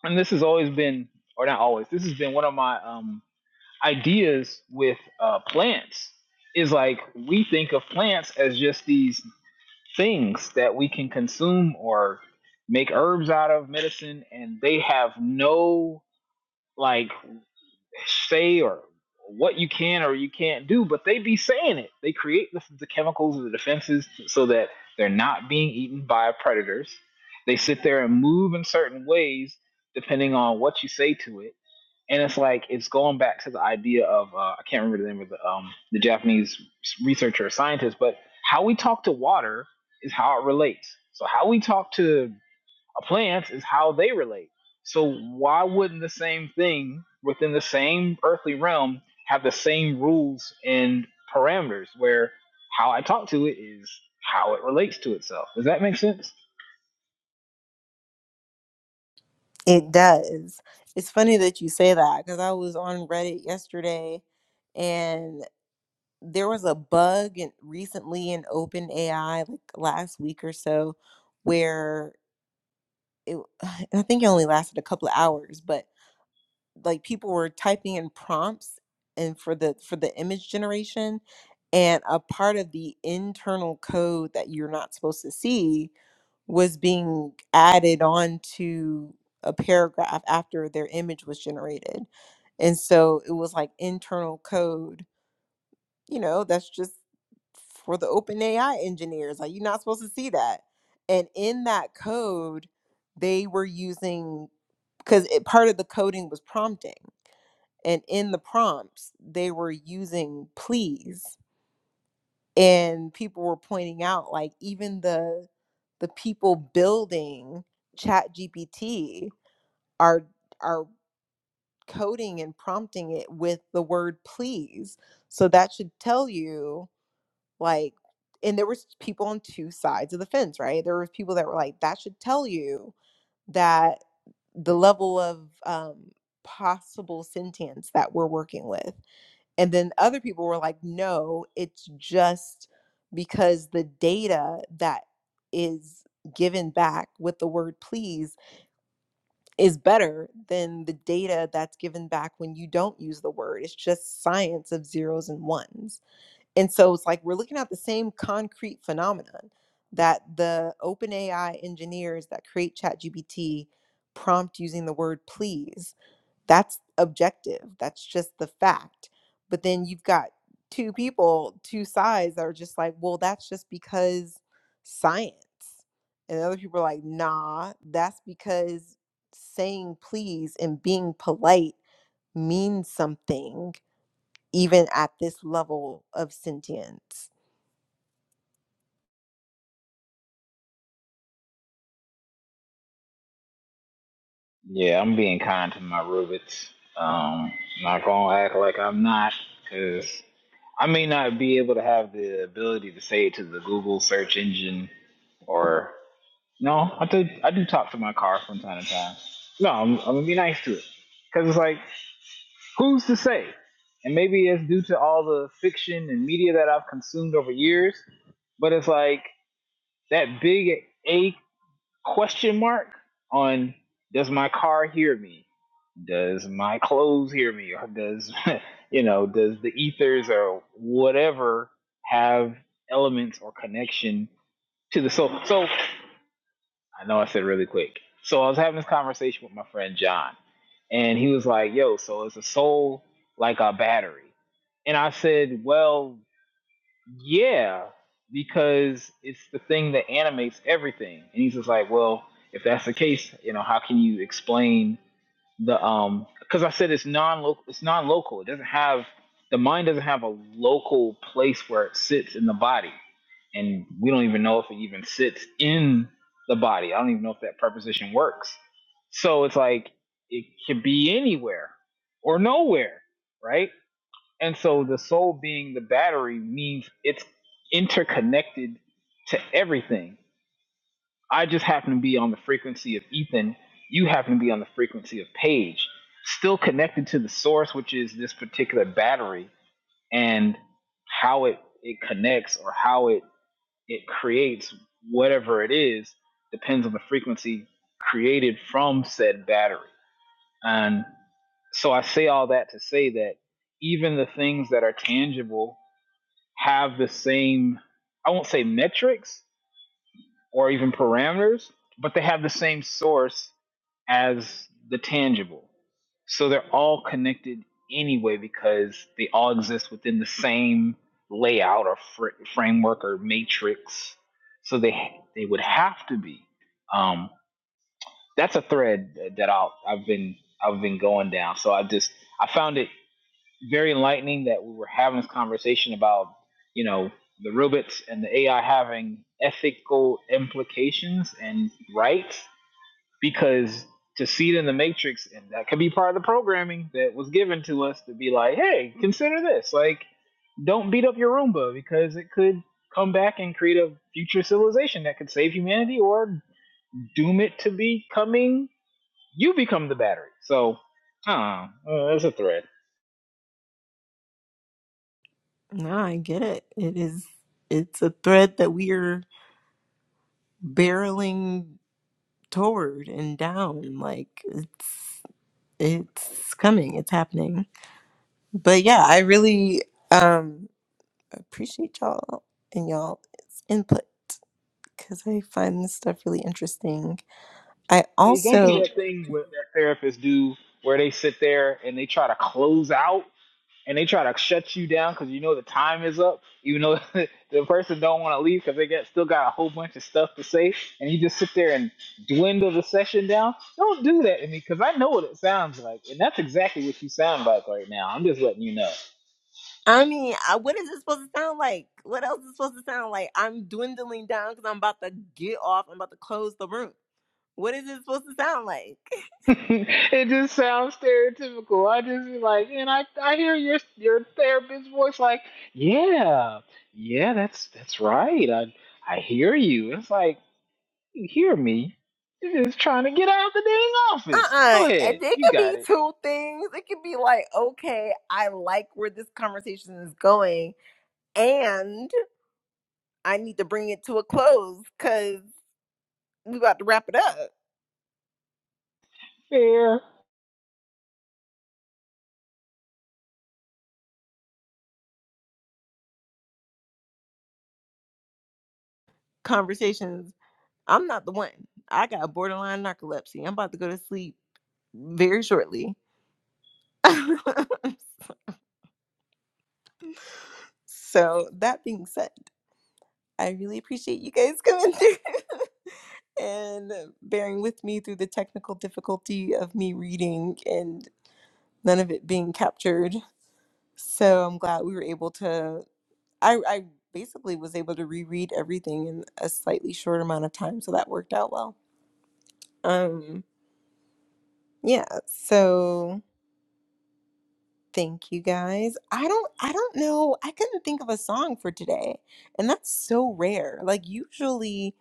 C: and this has always been, or not always, this has been one of my um, ideas with uh, plants. Is like we think of plants as just these things that we can consume or make herbs out of medicine, and they have no like say or what you can or you can't do, but they be saying it. They create the, the chemicals and the defenses so that they're not being eaten by predators. They sit there and move in certain ways depending on what you say to it. And it's like it's going back to the idea of uh, I can't remember the name of the um, the Japanese researcher or scientist, but how we talk to water is how it relates. So how we talk to plants is how they relate. So why wouldn't the same thing within the same earthly realm have the same rules and parameters where how I talk to it is how it relates to itself? Does that make sense?
A: It does. It's funny that you say that because I was on Reddit yesterday and there was a bug in, recently in OpenAI, like last week or so, where it, I think it only lasted a couple of hours, but like people were typing in prompts and for the for the image generation and a part of the internal code that you're not supposed to see was being added on to a paragraph after their image was generated. And so it was like internal code, you know, that's just for the open AI engineers. Like you're not supposed to see that. And in that code, they were using because part of the coding was prompting. And in the prompts, they were using please and people were pointing out like even the the people building ChatGPT are are coding and prompting it with the word please so that should tell you like and there was people on two sides of the fence right there were people that were like that should tell you that the level of um, possible sentience that we're working with and then other people were like, no, it's just because the data that is given back with the word please is better than the data that's given back when you don't use the word. It's just science of zeros and ones. And so it's like we're looking at the same concrete phenomenon that the OpenAI engineers that create ChatGPT prompt using the word please that's objective that's just the fact but then you've got two people two sides that are just like well that's just because science and other people are like nah that's because saying please and being polite means something even at this level of sentience
C: Yeah, I'm being kind to my Rubits. Um, not gonna act like I'm not, because I may not be able to have the ability to say it to the Google search engine or No, I do. I do talk to my car from time to time. No, I'm, I'm gonna be nice to it because it's like, who's to say? And maybe it's due to all the fiction and media that I've consumed over years, but it's like that big A question mark on does my car hear me? Does my clothes hear me? Or does you know, does the ethers or whatever have elements or connection to the soul? So I know I said really quick. So I was having this conversation with my friend John, and he was like, "Yo, so is a soul like a battery?" And I said, "Well, yeah, because it's the thing that animates everything. And he's just like, well, if that's the case, you know, how can you explain the um? Because I said it's non-local. It's non-local. It doesn't have the mind doesn't have a local place where it sits in the body, and we don't even know if it even sits in the body. I don't even know if that preposition works. So it's like it could be anywhere or nowhere, right? And so the soul being the battery means it's interconnected to everything. I just happen to be on the frequency of Ethan. You happen to be on the frequency of Paige, still connected to the source, which is this particular battery and how it, it connects or how it, it creates whatever it is depends on the frequency created from said battery. And so I say all that to say that even the things that are tangible have the same I won't say metrics or even parameters, but they have the same source as the tangible. So they're all connected anyway because they all exist within the same layout or fr- framework or matrix. So they they would have to be. Um, that's a thread that I'll, I've been I've been going down. So I just I found it very enlightening that we were having this conversation about, you know, the robots and the AI having ethical implications and rights because to see it in the matrix and that could be part of the programming that was given to us to be like, hey, consider this. Like don't beat up your Roomba because it could come back and create a future civilization that could save humanity or doom it to becoming you become the battery. So, I don't know. Uh, that's a thread.
A: No, I get it. It is it's a thread that we are barreling toward and down. Like it's it's coming it's happening but yeah i really um appreciate y'all and y'all's input because i find this stuff really interesting i
C: they don't do
A: also
C: that thing what that therapists do where they sit there and they try to close out and they try to shut you down because you know the time is up even though the person don't want to leave because they got still got a whole bunch of stuff to say and you just sit there and dwindle the session down don't do that to me because i know what it sounds like and that's exactly what you sound like right now i'm just letting you know
A: i mean I, what is it supposed to sound like what else is supposed to sound like i'm dwindling down because i'm about to get off i'm about to close the room what is it supposed to sound like
C: it just sounds stereotypical. I just be like, and I, I hear your your therapist's voice like, yeah, yeah, that's that's right. I I hear you. It's like you hear me. You're just trying to get out of the dang office.
A: uh-uh
C: Go
A: and
C: ahead,
A: it
C: you
A: could
C: got
A: be
C: it.
A: two things it could be like okay i like where this conversation is going and I need to bring it to a close because we about to wrap it up.
C: Fair.
A: Conversations. I'm not the one. I got borderline narcolepsy. I'm about to go to sleep very shortly. so that being said, I really appreciate you guys coming through and bearing with me through the technical difficulty of me reading and none of it being captured. So I'm glad we were able to I I basically was able to reread everything in a slightly short amount of time, so that worked out well. Um yeah, so thank you guys. I don't I don't know. I couldn't think of a song for today. And that's so rare. Like usually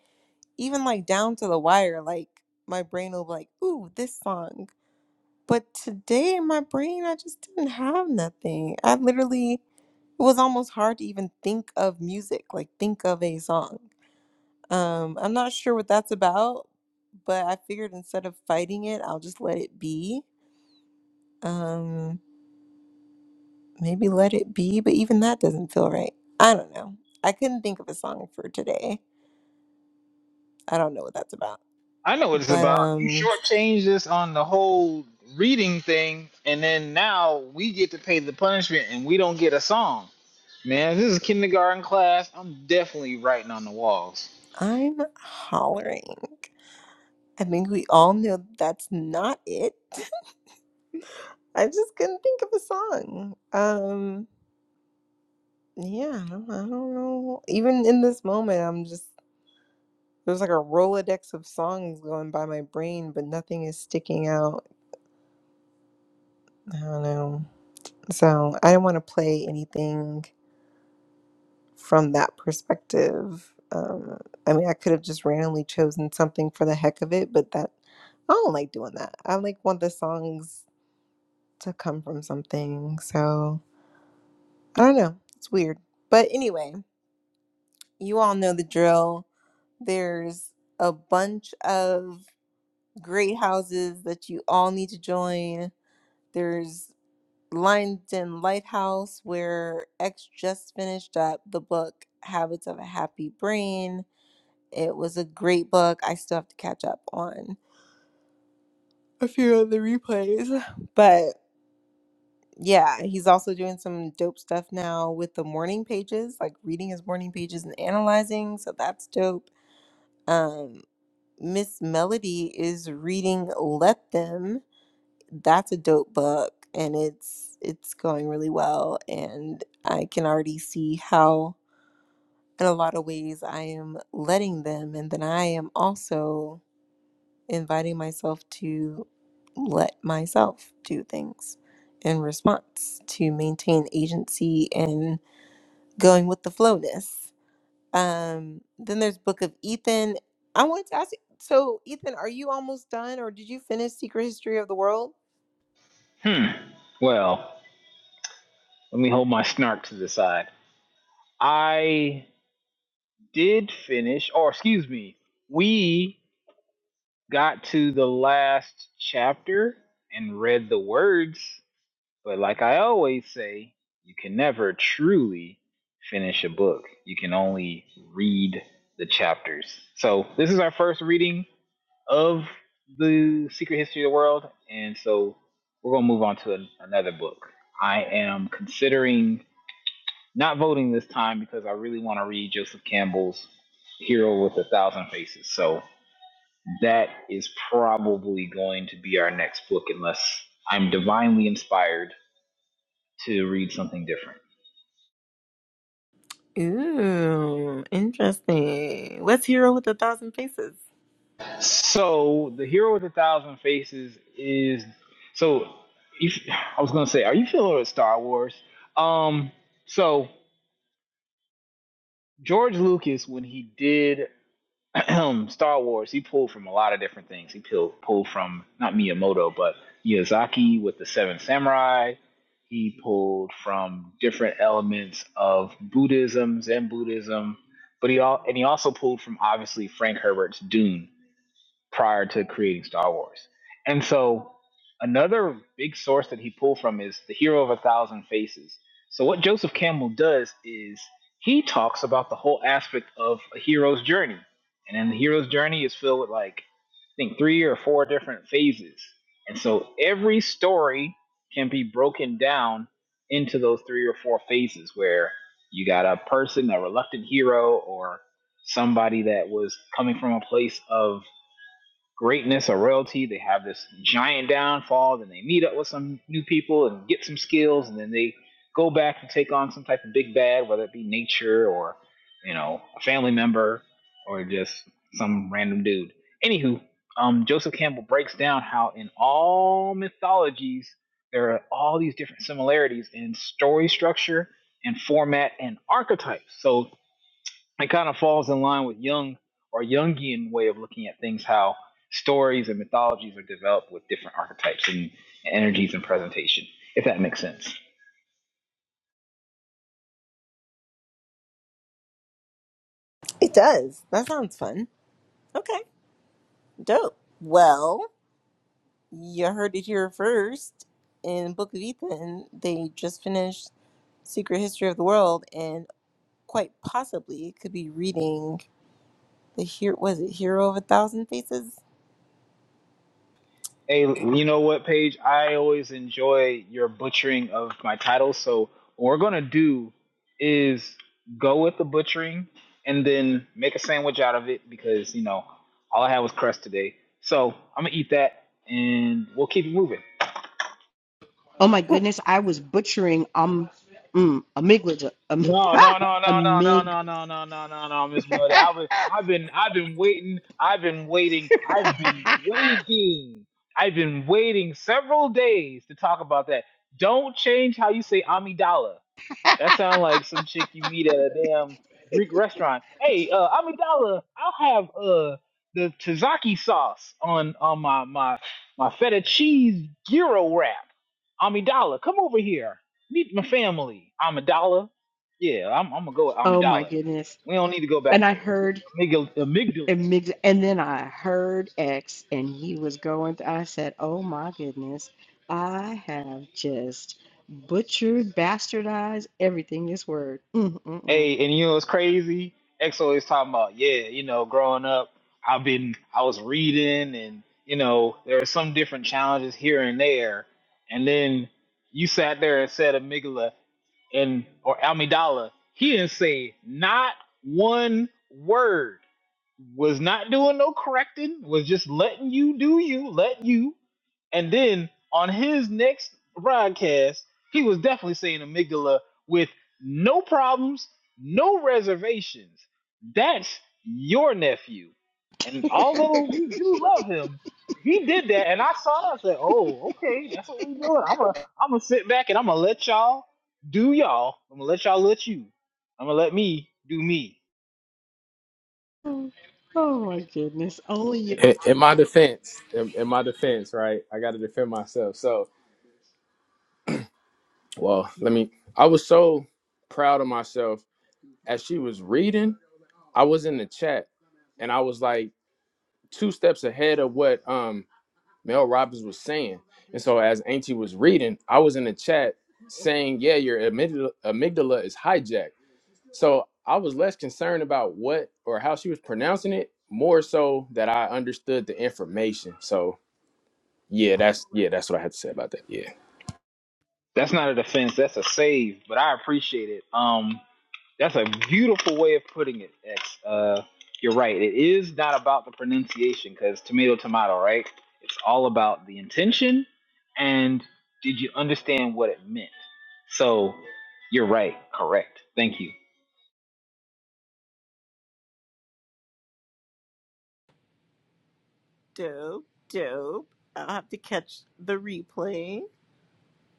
A: even like down to the wire like my brain will be like, "Ooh, this song." But today my brain I just didn't have nothing. I literally it was almost hard to even think of music, like think of a song. Um, I'm not sure what that's about, but I figured instead of fighting it, I'll just let it be. Um, maybe let it be, but even that doesn't feel right. I don't know. I couldn't think of a song for today. I don't know what that's about.
C: I know what it's
A: But
C: about. You
A: um,
C: shortchanged us on the whole reading thing, and then now we get to pay the punishment, and we don't get a song. Man, this is kindergarten class. I'm definitely writing on the walls.
A: I'm hollering. I think we all know that's not it. I just couldn't think of a song. Um, yeah, I don't, I don't know. Even in this moment, I'm just There's like a Rolodex of songs going by my brain, but nothing is sticking out. I don't know. So I don't want to play anything from that perspective. Um, I mean, I could have just randomly chosen something for the heck of it, but that I don't like doing that. I like want the songs to come from something. So I don't know. It's weird. But anyway, you all know the drill. There's a bunch of great houses that you all need to join There's Linden Lighthouse, where X just finished up the book Habits of a Happy Brain. It was a great book. I still have to catch up on a few of the replays. But yeah, he's also doing some dope stuff now with the morning pages, like reading his morning pages and analyzing. So that's dope. Um, Miss Melody is reading Let Them that's a dope book and it's it's going really well and i can already see how in a lot of ways i am letting them and then i am also inviting myself to let myself do things in response to maintain agency and going with the flowness um then there's book of ethan i wanted to ask you so ethan are you almost done or did you finish secret history of the world
C: Hmm. Well, let me hold my snark to the side. I did finish, or excuse me, we got to the last chapter and read the words, but like I always say, you can never truly finish a book. You can only read the chapters. So, this is our first reading of The Secret History of the World, and so we're going to move on to an, another book. I am considering Not voting this time because I really want to read Joseph Campbell's Hero with a Thousand Faces. So that is probably going to be our next book unless I'm divinely inspired to read something different.
A: Ooh, interesting. What's Hero with a Thousand Faces?
C: So the Hero with a Thousand Faces is so if, I was gonna say, are you familiar with Star Wars? Um so George Lucas when he did Star Wars, he pulled from a lot of different things. He pulled pulled from not Miyamoto, but Miyazaki with the Seven Samurai. He pulled from different elements of Buddhism, Zen Buddhism, but he all and he also pulled from obviously Frank Herbert's Dune prior to creating Star Wars. And so another big source that he pulled from is The Hero of a Thousand Faces. So what Joseph Campbell does is he talks about the whole aspect of a hero's journey. And then the hero's journey is filled with like I think three or four different phases. And so every story can be broken down into those three or four phases where you got a person, a reluctant hero, or somebody that was coming from a place of greatness or royalty. They have this giant downfall, then they meet up with some new people and get some skills, and then they go back and take on some type of big bad, whether it be nature or you know a family member or just some random dude. Anywho, um, Joseph Campbell breaks down how in all mythologies there are all these different similarities in story structure and format and archetypes. So it kind of falls in line with Jung or Jungian way of looking at things, how stories and mythologies are developed with different archetypes and energies and presentation, if that makes sense.
A: It does. That sounds fun. Okay. Dope. Well, you heard it here first. In Book of Ethan, they just finished Secret History of the World and quite possibly could be reading the here was it Hero of a Thousand Faces?
C: Hey, you know what, Paige? I always enjoy your butchering of my titles. So what we're gonna do is go with the butchering and then make a sandwich out of it because you know all I had was crust today. So I'm gonna eat that and we'll keep it moving.
B: Oh my goodness, I was butchering um mm, amygdala. Um,
C: No, no, no, no, no,
B: amig.
C: no, no, no, no, no, no, no, Miss Miller. I've been, I've been, I've been waiting. I've been waiting. I've been waiting. I've been waiting several days to talk about that. Don't change how you say Amidala. That sound like some chick you meet at a damn Greek restaurant. Hey, uh, Amidala, I'll have uh the tzatziki sauce on on my my my feta cheese gyro wrap. Amidala, come over here. Meet my family. Amidala. Yeah, I'm I'm gonna go with
B: Oh my
C: Amidala.
B: goodness.
C: We don't need to go back
B: And
C: to
B: I heard
C: amygdala. amygdala.
B: amygdala, and then I heard X, and he was going. Th- I said, "Oh my goodness, I have just butchered, bastardized everything this word." Mm-mm-mm.
C: Hey, and you know it's crazy. X always talking about, yeah, you know, growing up, I've been, I was reading, and you know, there are some different challenges here and there. And then you sat there and said amygdala and or amygdala. He didn't say not one word was not doing no correcting, was just letting you do you, let you. And then on his next broadcast, he was definitely saying amygdala with no problems, no reservations. That's your nephew. And although we do love him, he did that, and I saw that. I said, "Oh, okay, that's what we doing. I'm gonna, I'm gonna sit back and I'm gonna let y'all do y'all. I'm gonna let y'all let you. I'm gonna let me do me."
B: Oh, oh my goodness. Only you,
D: in, in my defense, in, in my defense, right? I got to defend myself. So, well, let me. I was so proud of myself as she was reading. I was in the chat, and I was like two steps ahead of what. um Mel Robbins was saying. And so as Auntie was reading, I was in the chat saying, yeah, your amygdala, amygdala is hijacked. So I was less concerned about what or how she was pronouncing it, more so that I understood the information. So yeah, that's yeah, that's what I had to say about that. Yeah.
C: That's not a defense. That's a save. But I appreciate it. Um, that's a beautiful way of putting it. X. Uh, you're right. It is not about the pronunciation because tomato, tomato, right? It's all about the intention and did you understand what it meant. So you're right. Correct. Thank you.
A: Dope, dope. I'll have to catch the replay.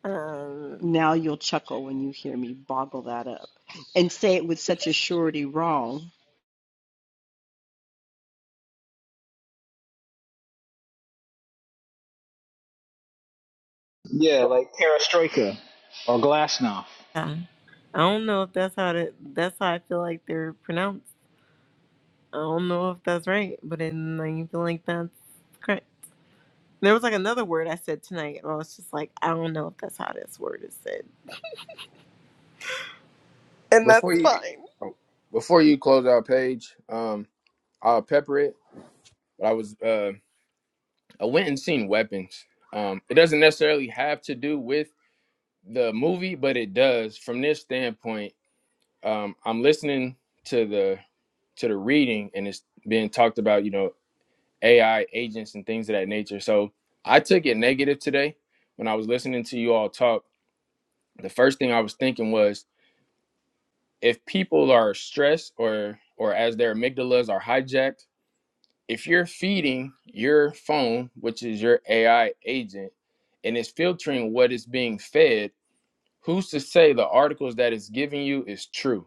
A: Um,
B: now you'll chuckle when you hear me boggle that up and say it with such a surety wrong.
C: Yeah, like Perestroika or Glasnost.
A: yeah. I don't know if that's how to, that's how I feel like they're pronounced. I don't know if that's right, but then I feel like that's correct. There was like another word I said tonight, and I was just like, I don't know if that's how this word is said, and
D: Before
A: that's
D: you
A: fine.
D: oh, before you close out page, um, I'll pepper it. But I was uh I went and seen weapons. Um it doesn't necessarily have to do with the movie, but it does from this standpoint um, I'm listening to the to the reading, and it's being talked about, you know, AI agents and things of that nature. So I took it negative today when I was listening to you all talk. The first thing I was thinking was if people are stressed or or as their amygdalas are hijacked, if you're feeding your phone, which is your AI agent, and it's filtering what is being fed, who's to say the articles that it's giving you is true?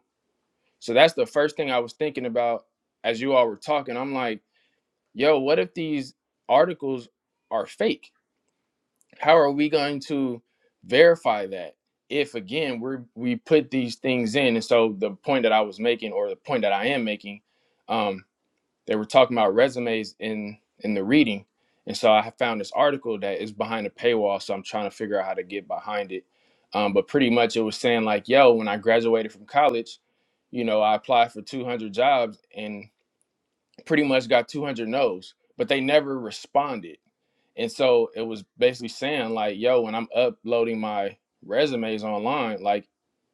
D: So that's the first thing I was thinking about as you all were talking. I'm like, yo, what if these articles are fake? How are we going to verify that if again we we put these things in? And so the point that I was making, or the point that I am making, um they were talking about resumes in in the reading and so i found this article that is behind a paywall so i'm trying to figure out how to get behind it um, but pretty much it was saying like yo when i graduated from college you know i applied for 200 jobs and pretty much got 200 no's but they never responded and so it was basically saying like, yo, when I'm uploading my resumes online, like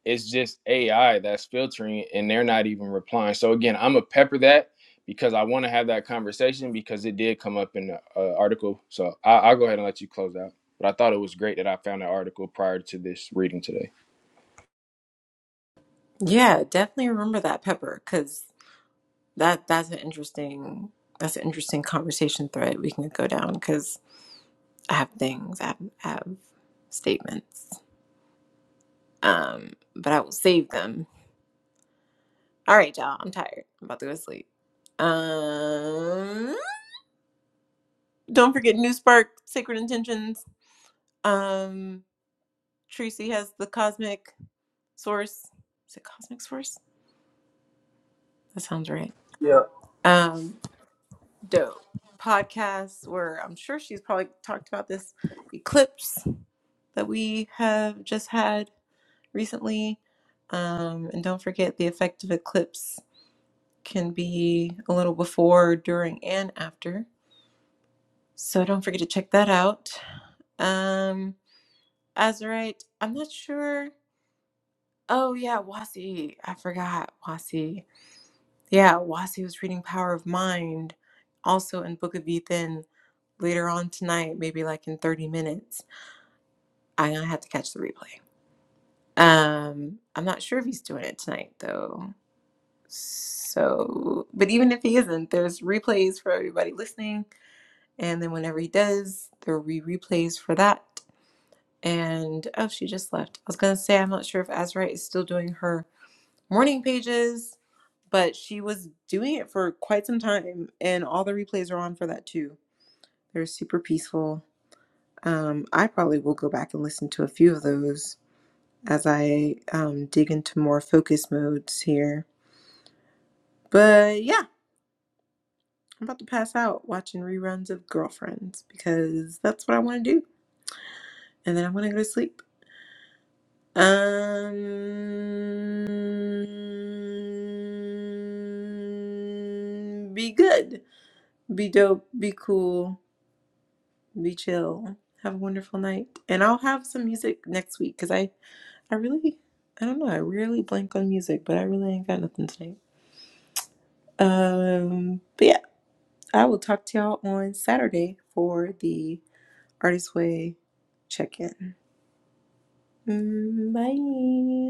D: it's just AI that's filtering and they're not even replying. So again, I'm gonna pepper that because I want to have that conversation because it did come up in the uh, article. So I, I'll go ahead and let you close out. But I thought it was great that I found that article prior to this reading today.
A: Yeah, definitely remember that pepper because that that's an interesting that's an interesting conversation thread we can go down because I have things, I have, I have statements, um, but I will save them. All right, y'all, I'm tired. I'm about to go to sleep. Um, don't forget New Spark, Sacred Intentions. Um, Tracy has the cosmic source. Is it cosmic source? That sounds right. Um, dope podcast where I'm sure she's probably talked about this eclipse that we have just had recently. Um, and don't forget the effect of eclipse can be a little before, during, and after. So don't forget to check that out. Um, Azurite, I'm not sure. Oh yeah, Wasi. I forgot Wasi. Yeah, Wasi was reading Power of Mind, also in Book of Ethan later on tonight, maybe like in 30 minutes. I'm gonna have to catch the replay. Um, I'm not sure if he's doing it tonight though. So, but even if he isn't, there's replays for everybody listening. And then whenever he does, there will be replays for that. And oh, she just left. I was gonna say, I'm not sure if Azra is still doing her morning pages but she was doing it for quite some time and all the replays are on for that too they're super peaceful um, i probably will go back and listen to a few of those as i um, dig into more focus modes here but yeah i'm about to pass out watching reruns of girlfriends because that's what i want to do and then i'm going to go to sleep um be good be dope be cool Be chill. Have a wonderful night. And I'll have some music next week because I, I really, I don't know, I rarely blank on music, but I really ain't got nothing tonight. Um, but yeah, I will talk to y'all on Saturday for the Artist Way check in. Bye.